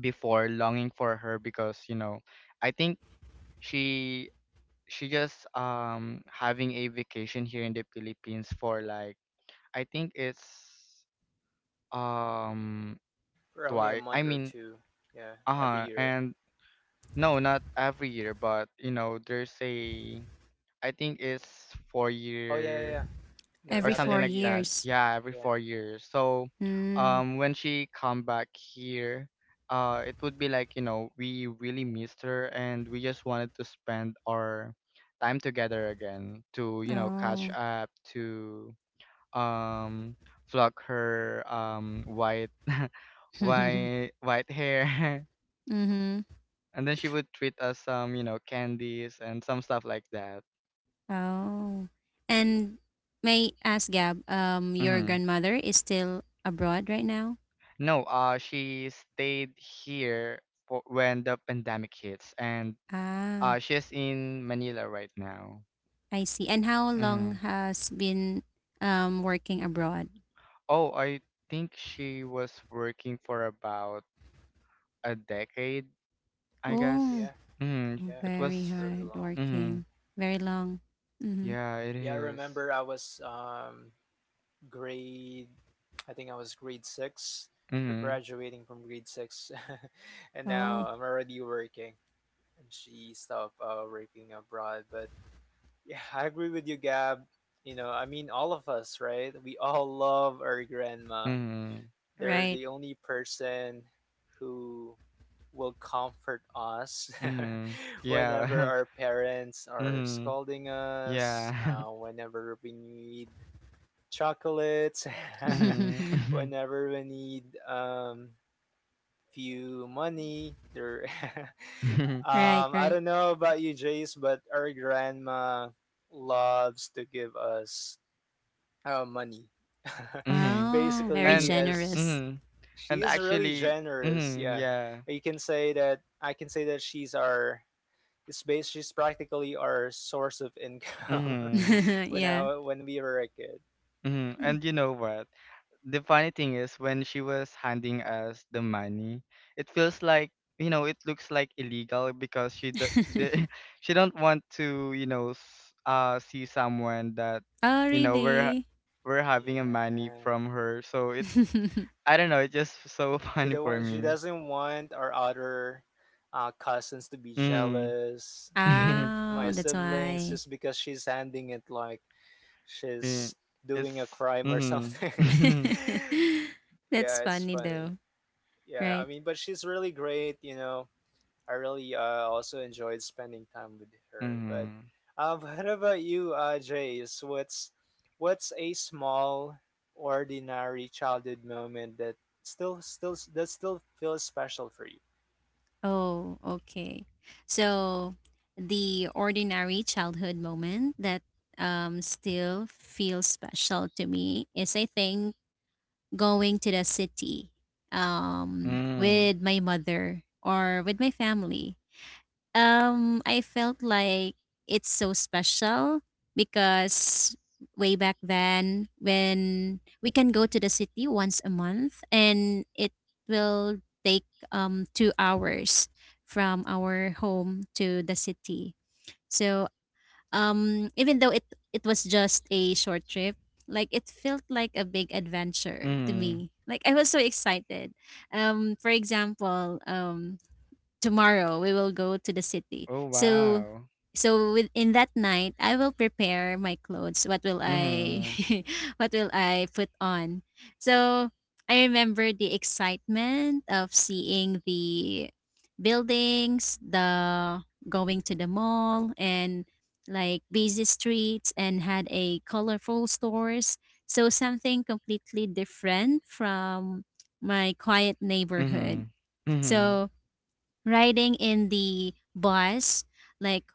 A: before longing for her. Because, you know, I think she— she just having a vacation here in the Philippines for like, I think it's um
B: for only
A: twice.
B: a
A: I
B: month or
A: mean,
B: two? Yeah,
A: uh-huh,
B: every year.
A: and no, not every year, but you know, there's a— I think it's four
B: Oh yeah, yeah,
A: year
B: yeah. No,
A: or
C: every
B: not
A: something
C: four
A: like
B: every
A: that.
B: year.
C: years.
A: Yeah, every
B: Yeah,
A: 4 years. So,
C: Mm.
A: when she come back here, it would be like, you know, we really missed her, and we just wanted to spend our time together again, to, you know, catch
C: Oh.
A: up to um flock her white
C: (laughs) Mm-hmm.
A: white white hair (laughs) and then she would treat us some, you know, candies and some stuff like that.
C: Oh. And may I ask, Gab, your grandmother is still abroad right now?
A: No, she stayed here for when the pandemic hits, and
C: Ah,
A: she's in Manila right now.
C: I see. And how long
A: Hmm.
C: has been working abroad?
A: Oh, I think she was working for about a decade, I guess.
C: Oh.
B: yeah,
A: Hmm.
B: yeah.
A: It was.
C: Very
B: It's really
C: hard
B: long.
A: Hmm.
C: working. Very long. Mm-hmm.
A: Yeah, it
B: Yeah, I
A: is.
B: remember I was grade I think I was grade six, or
A: Mm-hmm.
B: graduating from grade six, (laughs) and now
C: Oh,
B: I'm already working, and she stopped working abroad. But yeah, I agree with you, Gab. You know, I mean, all of us, right? We all love our grandma.
A: Mm-hmm.
B: They're the
C: right.
B: only person who will comfort us
A: Mm-hmm.
B: (laughs) whenever
A: Yeah. (laughs)
B: our parents are
A: mm-hmm.
B: scolding us,
A: Yeah.
B: whenever we need chocolates,
A: (laughs)
B: (laughs)
C: (laughs)
A: mm-hmm.
B: whenever we need few money. There, (laughs)
A: (laughs)
C: Right,
B: I
C: right.
B: don't know about you, Jace, but our grandma loves to give us money.
A: mm-hmm.
B: (laughs)
C: Oh, very
B: Basically,
A: And
B: as
C: generous.
A: mm-hmm.
B: she
A: And
B: is really
A: actually,
B: generous.
A: mm-hmm.
B: Yeah,
A: Yeah.
B: you can say that. I can say that she's our. It's bas She's practically our source of income
A: Mm-hmm.
B: (laughs)
C: (laughs)
B: when
C: Yeah.
B: I when we were a kid.
A: Mm-hmm.
C: Mm.
A: And you know what? The funny thing is, when she was handing us the money, it feels like, you know, it looks like illegal because she d the
C: (laughs)
A: (laughs) she don't want to, you know, see someone that,
C: Oh,
A: you know,
C: really?
A: we're having a money
B: Yeah.
A: from her. So it—
C: (laughs)
A: I don't know, it's just so (laughs)
B: She
A: funny
B: don't
A: for
B: want, she
A: me.
B: doesn't want our other cousins to be
A: Mm-hmm.
B: jealous and
A: (laughs)
C: Oh,
B: my
C: that's
B: siblings
C: why.
B: just because she's handing it like
A: Yeah,
B: she's
A: it's
B: doing a crime or something.
A: mm-hmm. (laughs)
C: (laughs)
B: (laughs) yeah,
C: That's
B: it's
C: funny
B: funny.
C: though,
B: Yeah, I
C: right?
B: mean, but she's really great, I really also enjoyed spending time with her. But
A: Mm-hmm.
B: (laughs) what about you, Jace? What's a small, ordinary childhood moment that still still that still feels special for you?
C: Oh, okay. So, the ordinary childhood moment that still feels special to me is, I think, going to the city
A: Mm-hmm.
C: with my mother or with my family. I felt like it's so special because way back then when we can go to the city once a month, and it will take 2 hours from our home to the city. So even though it was just a short trip, like it felt like a big adventure to
A: Mm-hmm.
C: me. Like, I was so excited. For example, tomorrow we will go to the city.
A: Oh
C: So
A: wow.
C: so within that night I will prepare my clothes. What will I
A: Mm-hmm.
C: (laughs) what will I put on? So I remember the excitement of seeing the buildings, the going to the mall, and like busy streets and had a colorful stores, so something completely different from my quiet neighborhood.
A: Mhm. Mhm.
C: So riding in the bus, like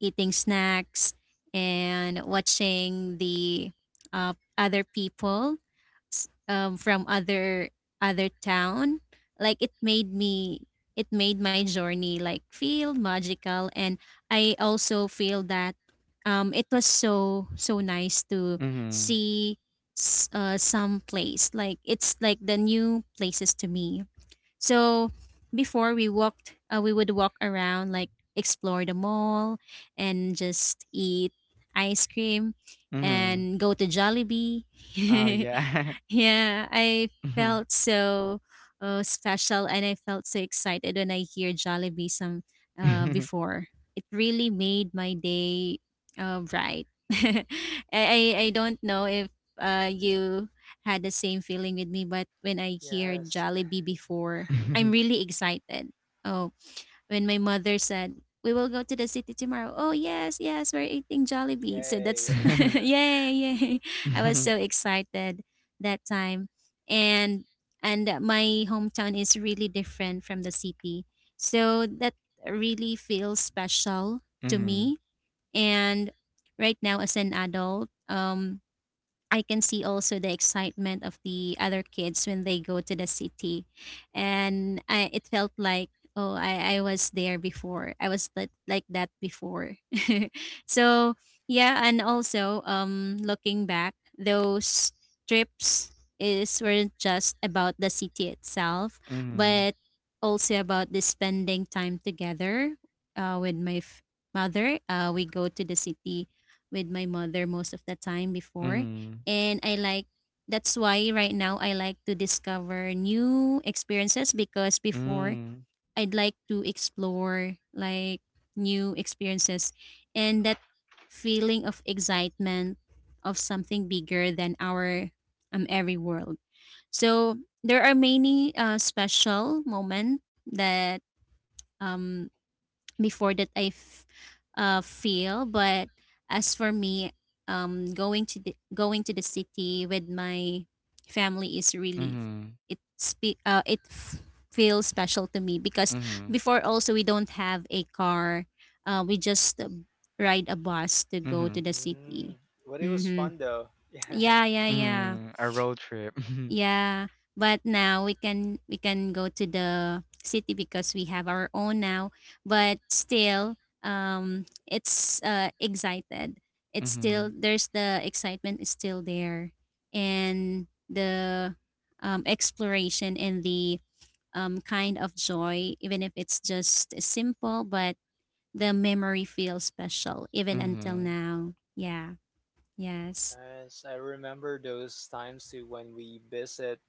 C: eating snacks and watching the other people from other town. Like it made my journey like feel magical. And I also feel that it was so nice to
A: Mhm.
C: see, some place, like it's like the new places to me. So before we would walk around, like explore the mall and just eat ice cream
A: Mhm.
C: and go to Jollibee.
A: Oh,
C: (laughs)
A: yeah.
C: Yeah, I felt
A: (laughs)
C: so special, and I felt so excited when I hear Jollibee some before. It really made my day bright. (laughs) I don't know if, you had the same feeling with me, but when I hear
B: Yes,
C: Jollibee before, I'm really excited. Oh, when my mother said, "We will go to the city tomorrow." Oh, yes, yes, we're eating Jollibee. So
B: yay!
C: that's (laughs)
B: (laughs)
A: Mhm.
C: yay, yay. I was so excited that time. And and my hometown is really different from the city. So that really feels special to
A: Mhm.
C: me. And right now, as an adult, I can see also the excitement of the other kids when they go to the city. And it felt like, oh, I was there before. I was that, like that before. (laughs) So, yeah. And also, looking back, those trips is weren't just about the city itself,
A: Mhm.
C: but also about the spending time together, with my mother. We go to the city with my mother most of the time before,
A: Mhm.
C: and I like that's why right now I like to discover new experiences, because before
A: Mhm.
C: I'd like to explore like new experiences and that feeling of excitement of something bigger than our every world. So there are many special moment that um before that I feel. But as for me, going to the city with my family is a relief.
A: Mhm.
C: It feels special to me, because
A: Mhm.
C: before also we don't have a car. We just ride a bus to
A: Mhm.
C: go to
A: Mhm.
C: the city.
B: mm, but it was
C: Mm-hmm.
B: fun though. (laughs) Yeah.
C: Yeah, yeah, yeah.
A: Mhm. Mhm. Mhm. Mhm. (laughs) A road trip. (laughs)
C: Yeah, but now we can go to the city because we have our own now. But still, it's excited. It's still
A: Mhm.
C: There's the excitement is still there, and the exploration and the kind of joy, even if it's just simple, but the memory feels special even until
A: Mhm.
C: now. Yeah. Yes.
B: Yes, I remember those times too when we visit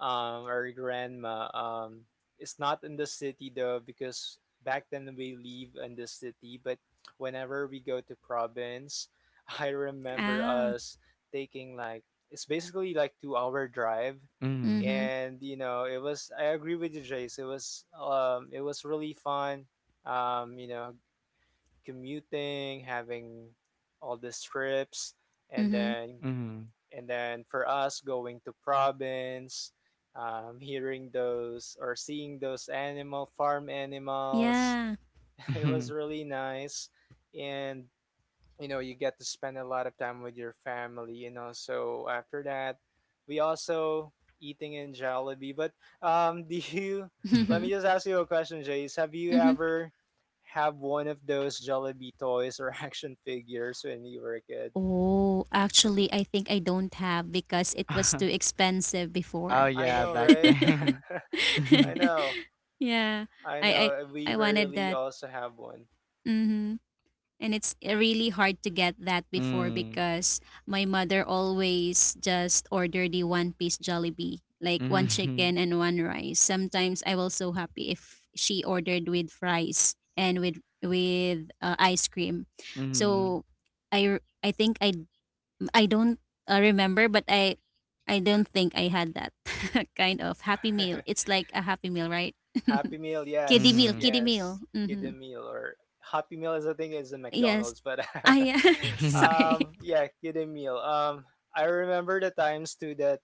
B: our grandma is not in the city though because back then we live in the city but whenever we go to province, (laughs) I remember
C: Ah.
B: us taking like it's basically like 2 hour drive.
A: Mhm.
C: Mhm.
B: And you know, it was, I agree with you, Jace, it was really fun. You know, commuting, having all the trips, and
C: Mhm.
B: then
A: Mhm.
B: and then for us going to province, hearing those or seeing those animal farm animals,
C: Yeah.
B: (laughs) it was
A: Mhm.
B: really nice. And you know, you get to spend a lot of time with your family. You know, so after that, we also eating in Jollibee. But (laughs) do you? Let
A: Mhm.
B: me just
C: (laughs)
B: ask you a question, Jace. Have you
C: Mm-hmm.
B: ever have one of those Jollibee toys or (laughs) action figures when you were a kid?
C: Oh, actually, I think I don't have because it was too expensive
A: (laughs) Oh,
C: before.
B: I
A: yeah,
B: know,
C: (laughs)
A: back
B: right?
A: then. (laughs)
B: (laughs) I
A: Mhm.
B: know.
C: Yeah,
B: I
C: I,
B: know
C: I
B: we
C: I wanted
B: rarely
C: that.
B: also have one.
C: Mm-hmm. And it's really hard to get that before,
A: Mm.
C: because my mother always just order the one piece Jollibee, like one
A: Mhm.
C: chicken and one rice. Sometimes I was so happy if she ordered with fries and with ice cream. So
A: Mhm.
C: I think I don't remember, but I don't think I had that (laughs) kind of happy meal.
B: (laughs)
C: It's like a happy meal, right? (laughs)
B: Happy Meal,
C: Kiddie
B: yes,
C: meal,
A: Mhm.
C: kiddie meal.
B: yes.
C: Mm-hmm.
B: Kidden Meal or Happy Meal is I think is a
C: Yes.
B: McDonald's, but
C: I (laughs)
B: (laughs)
A: (laughs)
C: sorry.
B: yeah, Kidden Meal. I remember the times too that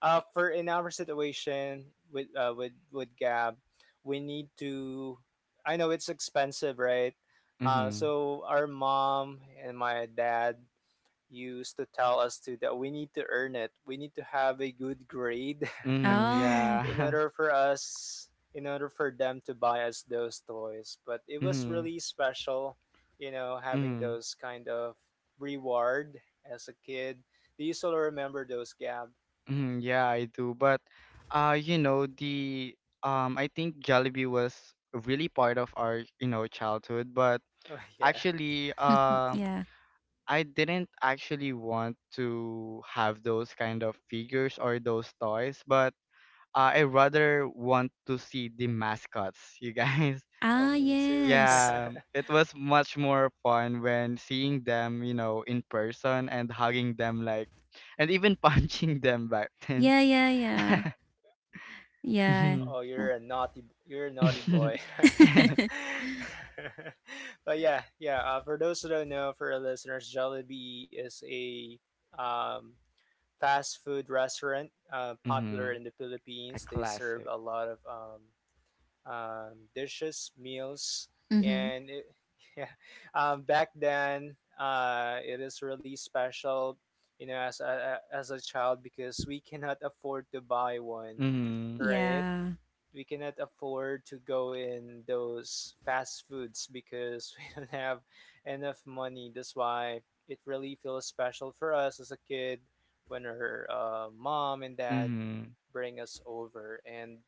B: for in our situation with with Gab, we need to. I know it's expensive, right?
A: Mhm.
B: So our mom and my dad used to tell us too that we need to earn it. We need to have a good grade
A: Mhm.
C: Oh
B: in
A: Yeah.
B: order
A: (laughs)
B: for us in order for them to buy us those toys. But it was
A: Mhm.
B: really special, you know, having
A: Mm,
B: those kind of reward as a kid. Do you still remember those, Gab?
A: yeah, I do. But you know, the I think Jollibee was really part of our, you know, childhood, but
B: (laughs) oh yeah.
A: actually
C: yeah.
A: I didn't actually want to have those kind of figures or those toys, but I rather want to see the mascots, you guys. (laughs)
B: Oh,
C: Ah,
B: me too.
C: yes.
A: Yeah, it was much more fun when seeing them, you know, in person, and hugging them like, and even (laughs) punching them back then.
C: Yeah, yeah, yeah,
A: (laughs)
C: yeah.
B: (laughs)
A: Mhm.
B: oh,
C: Oh.
B: you're a naughty, you're a naughty boy.
A: (laughs)
C: (laughs)
B: (laughs) but yeah, yeah, for those who don't know, for our listeners, Jollibee is a um fast food restaurant, popular in
A: Mhm.
B: the
A: A
B: Philippines. They serve
A: classic.
B: a lot of dishes, meals,
C: Mm-hmm.
B: and it, (laughs) yeah, back then it is really special, you know, as a child because we cannot afford to buy one,
A: Mhm.
B: right?
C: Yeah.
B: We cannot afford to go in those fast foods because (laughs) we don't have enough money. That's why it really feels special for us as a kid when her mom and dad
A: Mhm.
B: bring us over. And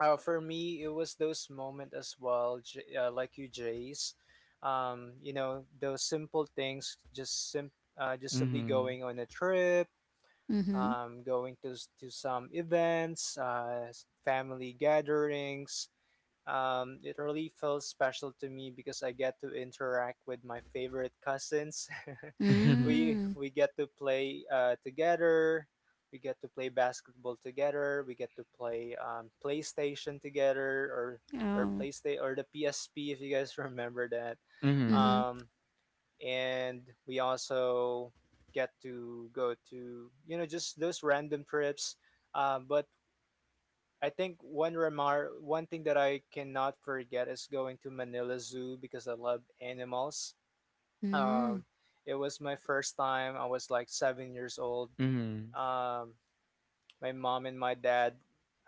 B: for me, it was those moments as well, like you, Jace. You know, those simple things, just just simply
A: Mhm.
B: going on a trip,
C: Mm-hmm.
B: going to some events, family gatherings. It really feels special to me because I get to interact with my favorite cousins. (laughs)
A: Mhm.
B: we
C: Mm.
B: we get to play together. We get to play basketball together. We get to play PlayStation together, or
C: Oh.
B: PlayStation or the PSP, if you guys (laughs) remember that.
A: Mhm.
C: Mm-hmm.
B: Um, and we also get to go to, you know, just those random trips. But I think one thing that I cannot forget is going to Manila Zoo because I love animals.
C: Mm.
B: um, it was my first time. I was like 7 years old.
A: Mhm.
B: um, my mom and my dad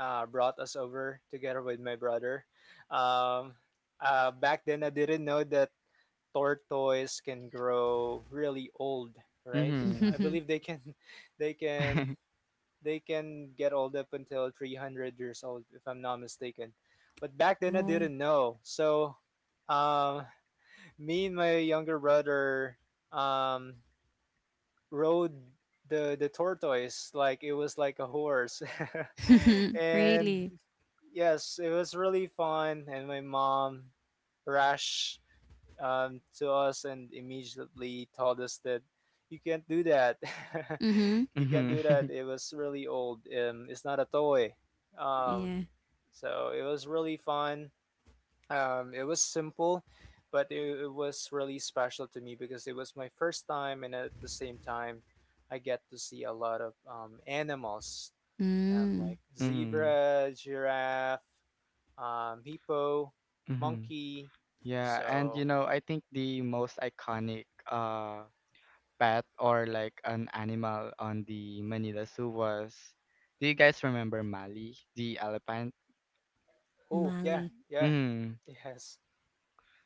B: brought us over together with my brother. Um, Back then, I didn't know that tortoise can grow really old, right? I
A: Mhm.
C: (laughs)
B: believe they can, (laughs) they can,
A: (laughs)
B: they can get old up until 300 years old, if I'm not mistaken. But back then, I
C: Oh.
B: didn't know. So, um, (laughs) me and my younger brother um, rode the tortoise like it was like a horse.
C: (laughs)
B: (laughs) and
C: Really?
B: yes, it was really fun. And my mom rushed to us and immediately told us that you can't do that.
C: Mm-hmm.
B: (laughs) you can't
A: Mhm.
B: do that.
A: (laughs)
B: It was really old. It's not a toy. um,
C: Yeah.
B: so it was really fun. It was simple, but it was really special to me because it was my first time, and at the same time, I get to see a lot of animals, like
C: Mm.
A: Mhm.
B: zebra, giraffe, hippo,
A: Mhm.
B: monkey.
A: Yeah, and you
B: So,
A: know, I think the most iconic uh pet or like an animal on the Manila Zoo was— do you guys remember Mali, the elephant?
B: oh yeah,
C: Mali.
B: yeah,
A: Mm-hmm.
B: (laughs) yes,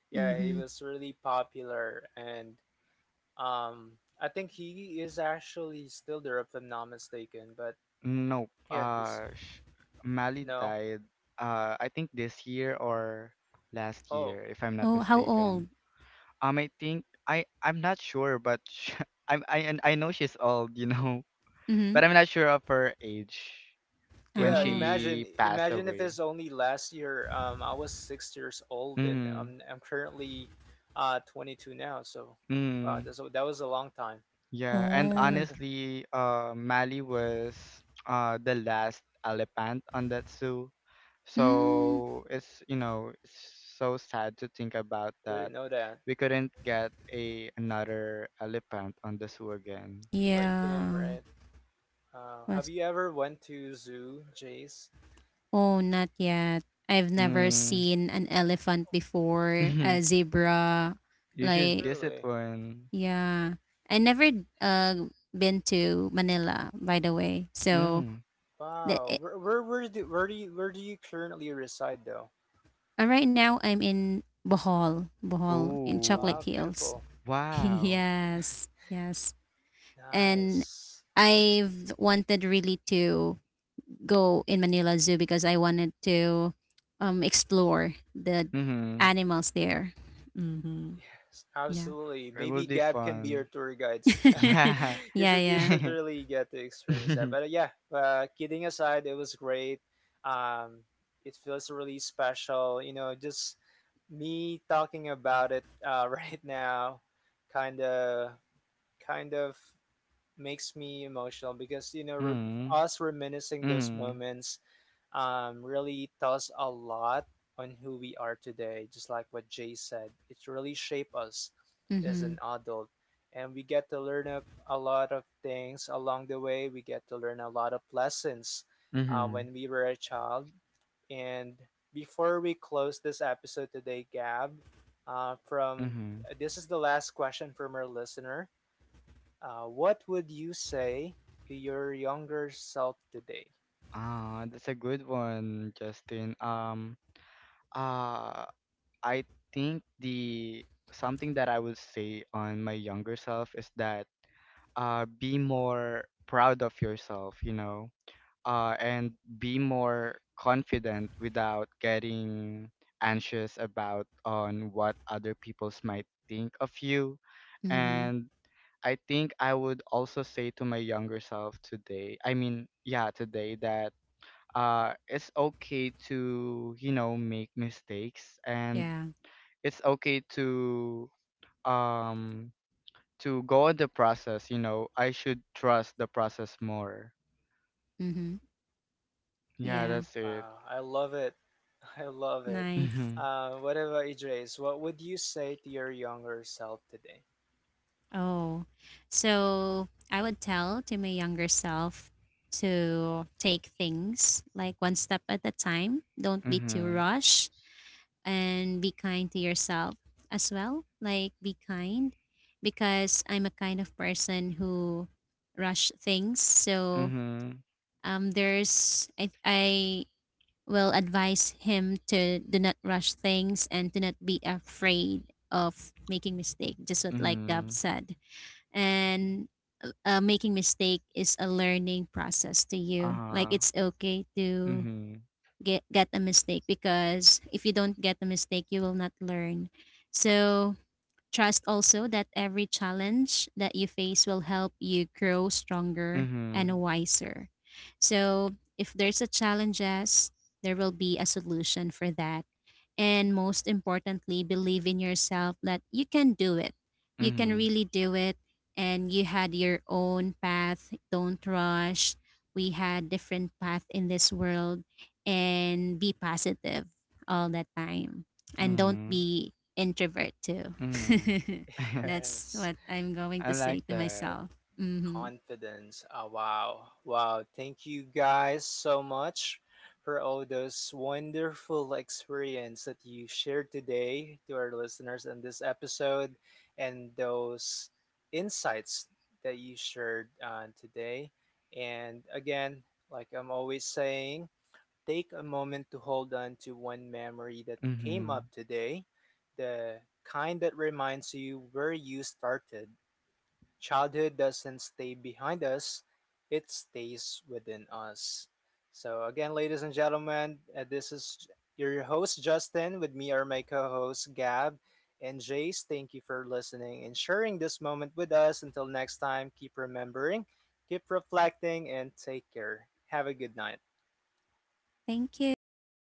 B: yeah. He
C: Mm-hmm.
B: was really popular, and um, I think he is actually still there, if I'm not mistaken. But
A: Nope.
B: yeah, his
A: Mali
B: no,
A: died. I think this year or last
B: oh.
A: year, if I'm not
C: Oh, how
A: mistaken.
C: old?
A: I think I'm not sure, but sh (laughs) I'm I and I know she's old, you know, (laughs)
C: Mm-hmm.
A: but I'm not sure of her age when
B: Yeah,
C: Oh.
B: imagine
A: she passed
B: imagine if
A: away.
B: it's only last year. I was 6 years old, and
A: Mm-hmm.
B: I'm currently 22 now. So, wow,
A: mm-hmm.
B: that's, that was a long time.
A: Yeah, and
C: Oh.
A: honestly, Mali was the last elephant on that zoo,
C: Mm.
A: so it's, you know, it's so sad to think about that.
B: Didn't know that.
A: We couldn't get a another elephant on the zoo again.
B: Like him,
C: Yeah.
B: right? Have
C: Was
B: you ever went to zoo, Jace?
C: Oh, not yet. I've never
A: Mm.
C: seen an elephant before, a
A: (laughs)
C: zebra.
A: You should
C: Like,
A: visit
B: Really?
A: one.
C: yeah. I never uh been to Manila, by the way. So
A: Mm.
C: the
B: Wow.
C: eh,
B: Where do you currently reside though?
C: right now I'm in Bohol, Bohol, in
A: Ooh.
B: Wow,
C: Chocolate Hills.
B: beautiful.
C: (laughs)
A: Wow.
C: Yes. Yes. And
B: Nice.
C: I've wanted really to go in Manila Zoo because I wanted to explore the
A: Mm-hmm.
C: animals there. (laughs) Mm-hmm.
B: Yes,
C: Yeah.
B: absolutely.
A: It would
B: Maybe
A: be
B: Gab can be your
A: fun.
B: tour guide. (laughs)
A: Yeah.
B: you
C: Yeah,
B: should, you
C: yeah.
B: should
A: (laughs)
B: really get to experience that. But yeah, kidding aside, it was great. Um, it feels really special. You know, just me talking about it (laughs) right now, kind of kind of makes me emotional because you know,
A: Mm.
B: us
A: Mm.
B: reminiscing those
A: Mm.
B: moments really tells a lot on who we are today. Just like what Jay said, it really shaped us as an
C: Mhm.
B: adult, and we get to learn a lot of things along the way. We get to learn a lot of lessons
A: Mm.
B: when we were a child. And before we close this episode today, Gab, from
A: Mm.
B: this is the last question from our listener. What would you say to your younger self today?
A: Ah, that's a good one, Justin. Uh, I think the something that I would say on my younger self is that be more proud of yourself, you know, and be more confident without getting anxious about on what other people's might think of you.
C: Mhm.
A: And I think I would also say to my younger self today— I mean, yeah, today— that it's okay to, you know, make mistakes, and
C: Yeah.
A: it's okay um to go on the process. You know, I should trust the process more.
C: Mhm.
A: Yeah,
C: Yeah.
A: that's it.
B: Wow, I love it. I love it.
C: Nice.
A: Mhm,
B: What about Idris? What would you say to your younger self today?
C: Oh. So I would tell to my younger self to take things like one step at a time. Don't be too
A: mhm,
C: rush, and be kind to yourself as well. Like, be kind, because I'm a kind of person who rush things. So
A: mhm,
C: there's I will advise him to do not rush things and to not be afraid of making mistake, just what like Gab
A: mhm,
C: said. And, making mistake is a learning process to you, like
A: uh-huh,
C: it's okay to
A: mhm,
C: get a mistake, because if you don't get a mistake you will not learn. So trust also that every challenge that you face will help you grow stronger and
A: mhm,
C: wiser, so if there's a challenges, there will be a solution for that. And most importantly, believe in yourself that you can do it, you can
A: mhm,
C: really do it. And you had your own path, don't rush. We had different path in this world, and be positive all the time, and don't
A: mhm,
C: be introvert too.
A: mhm.
B: (laughs)
C: (laughs)
A: (laughs)
C: That's
B: Yes,
C: what I'm
A: I
C: going to
A: like
C: say to
A: that.
C: myself. Hmm.
B: confidence. Oh, wow. Wow. Thank you guys so much for all those wonderful experience that you shared today to our listeners in this episode and those insights that you shared today. And again, like I'm always saying, take a moment to hold on to one memory that came up
A: Mhm.
B: today, the kind that reminds you where you started. Childhood doesn't stay behind us, it stays within us. So, again, ladies and gentlemen, this is your host, Justin. With me are my co hosts, Gab and Jace. Thank you for listening and sharing this moment with us. Until next time, keep remembering, keep reflecting, and take care. Have a good night.
C: Thank you.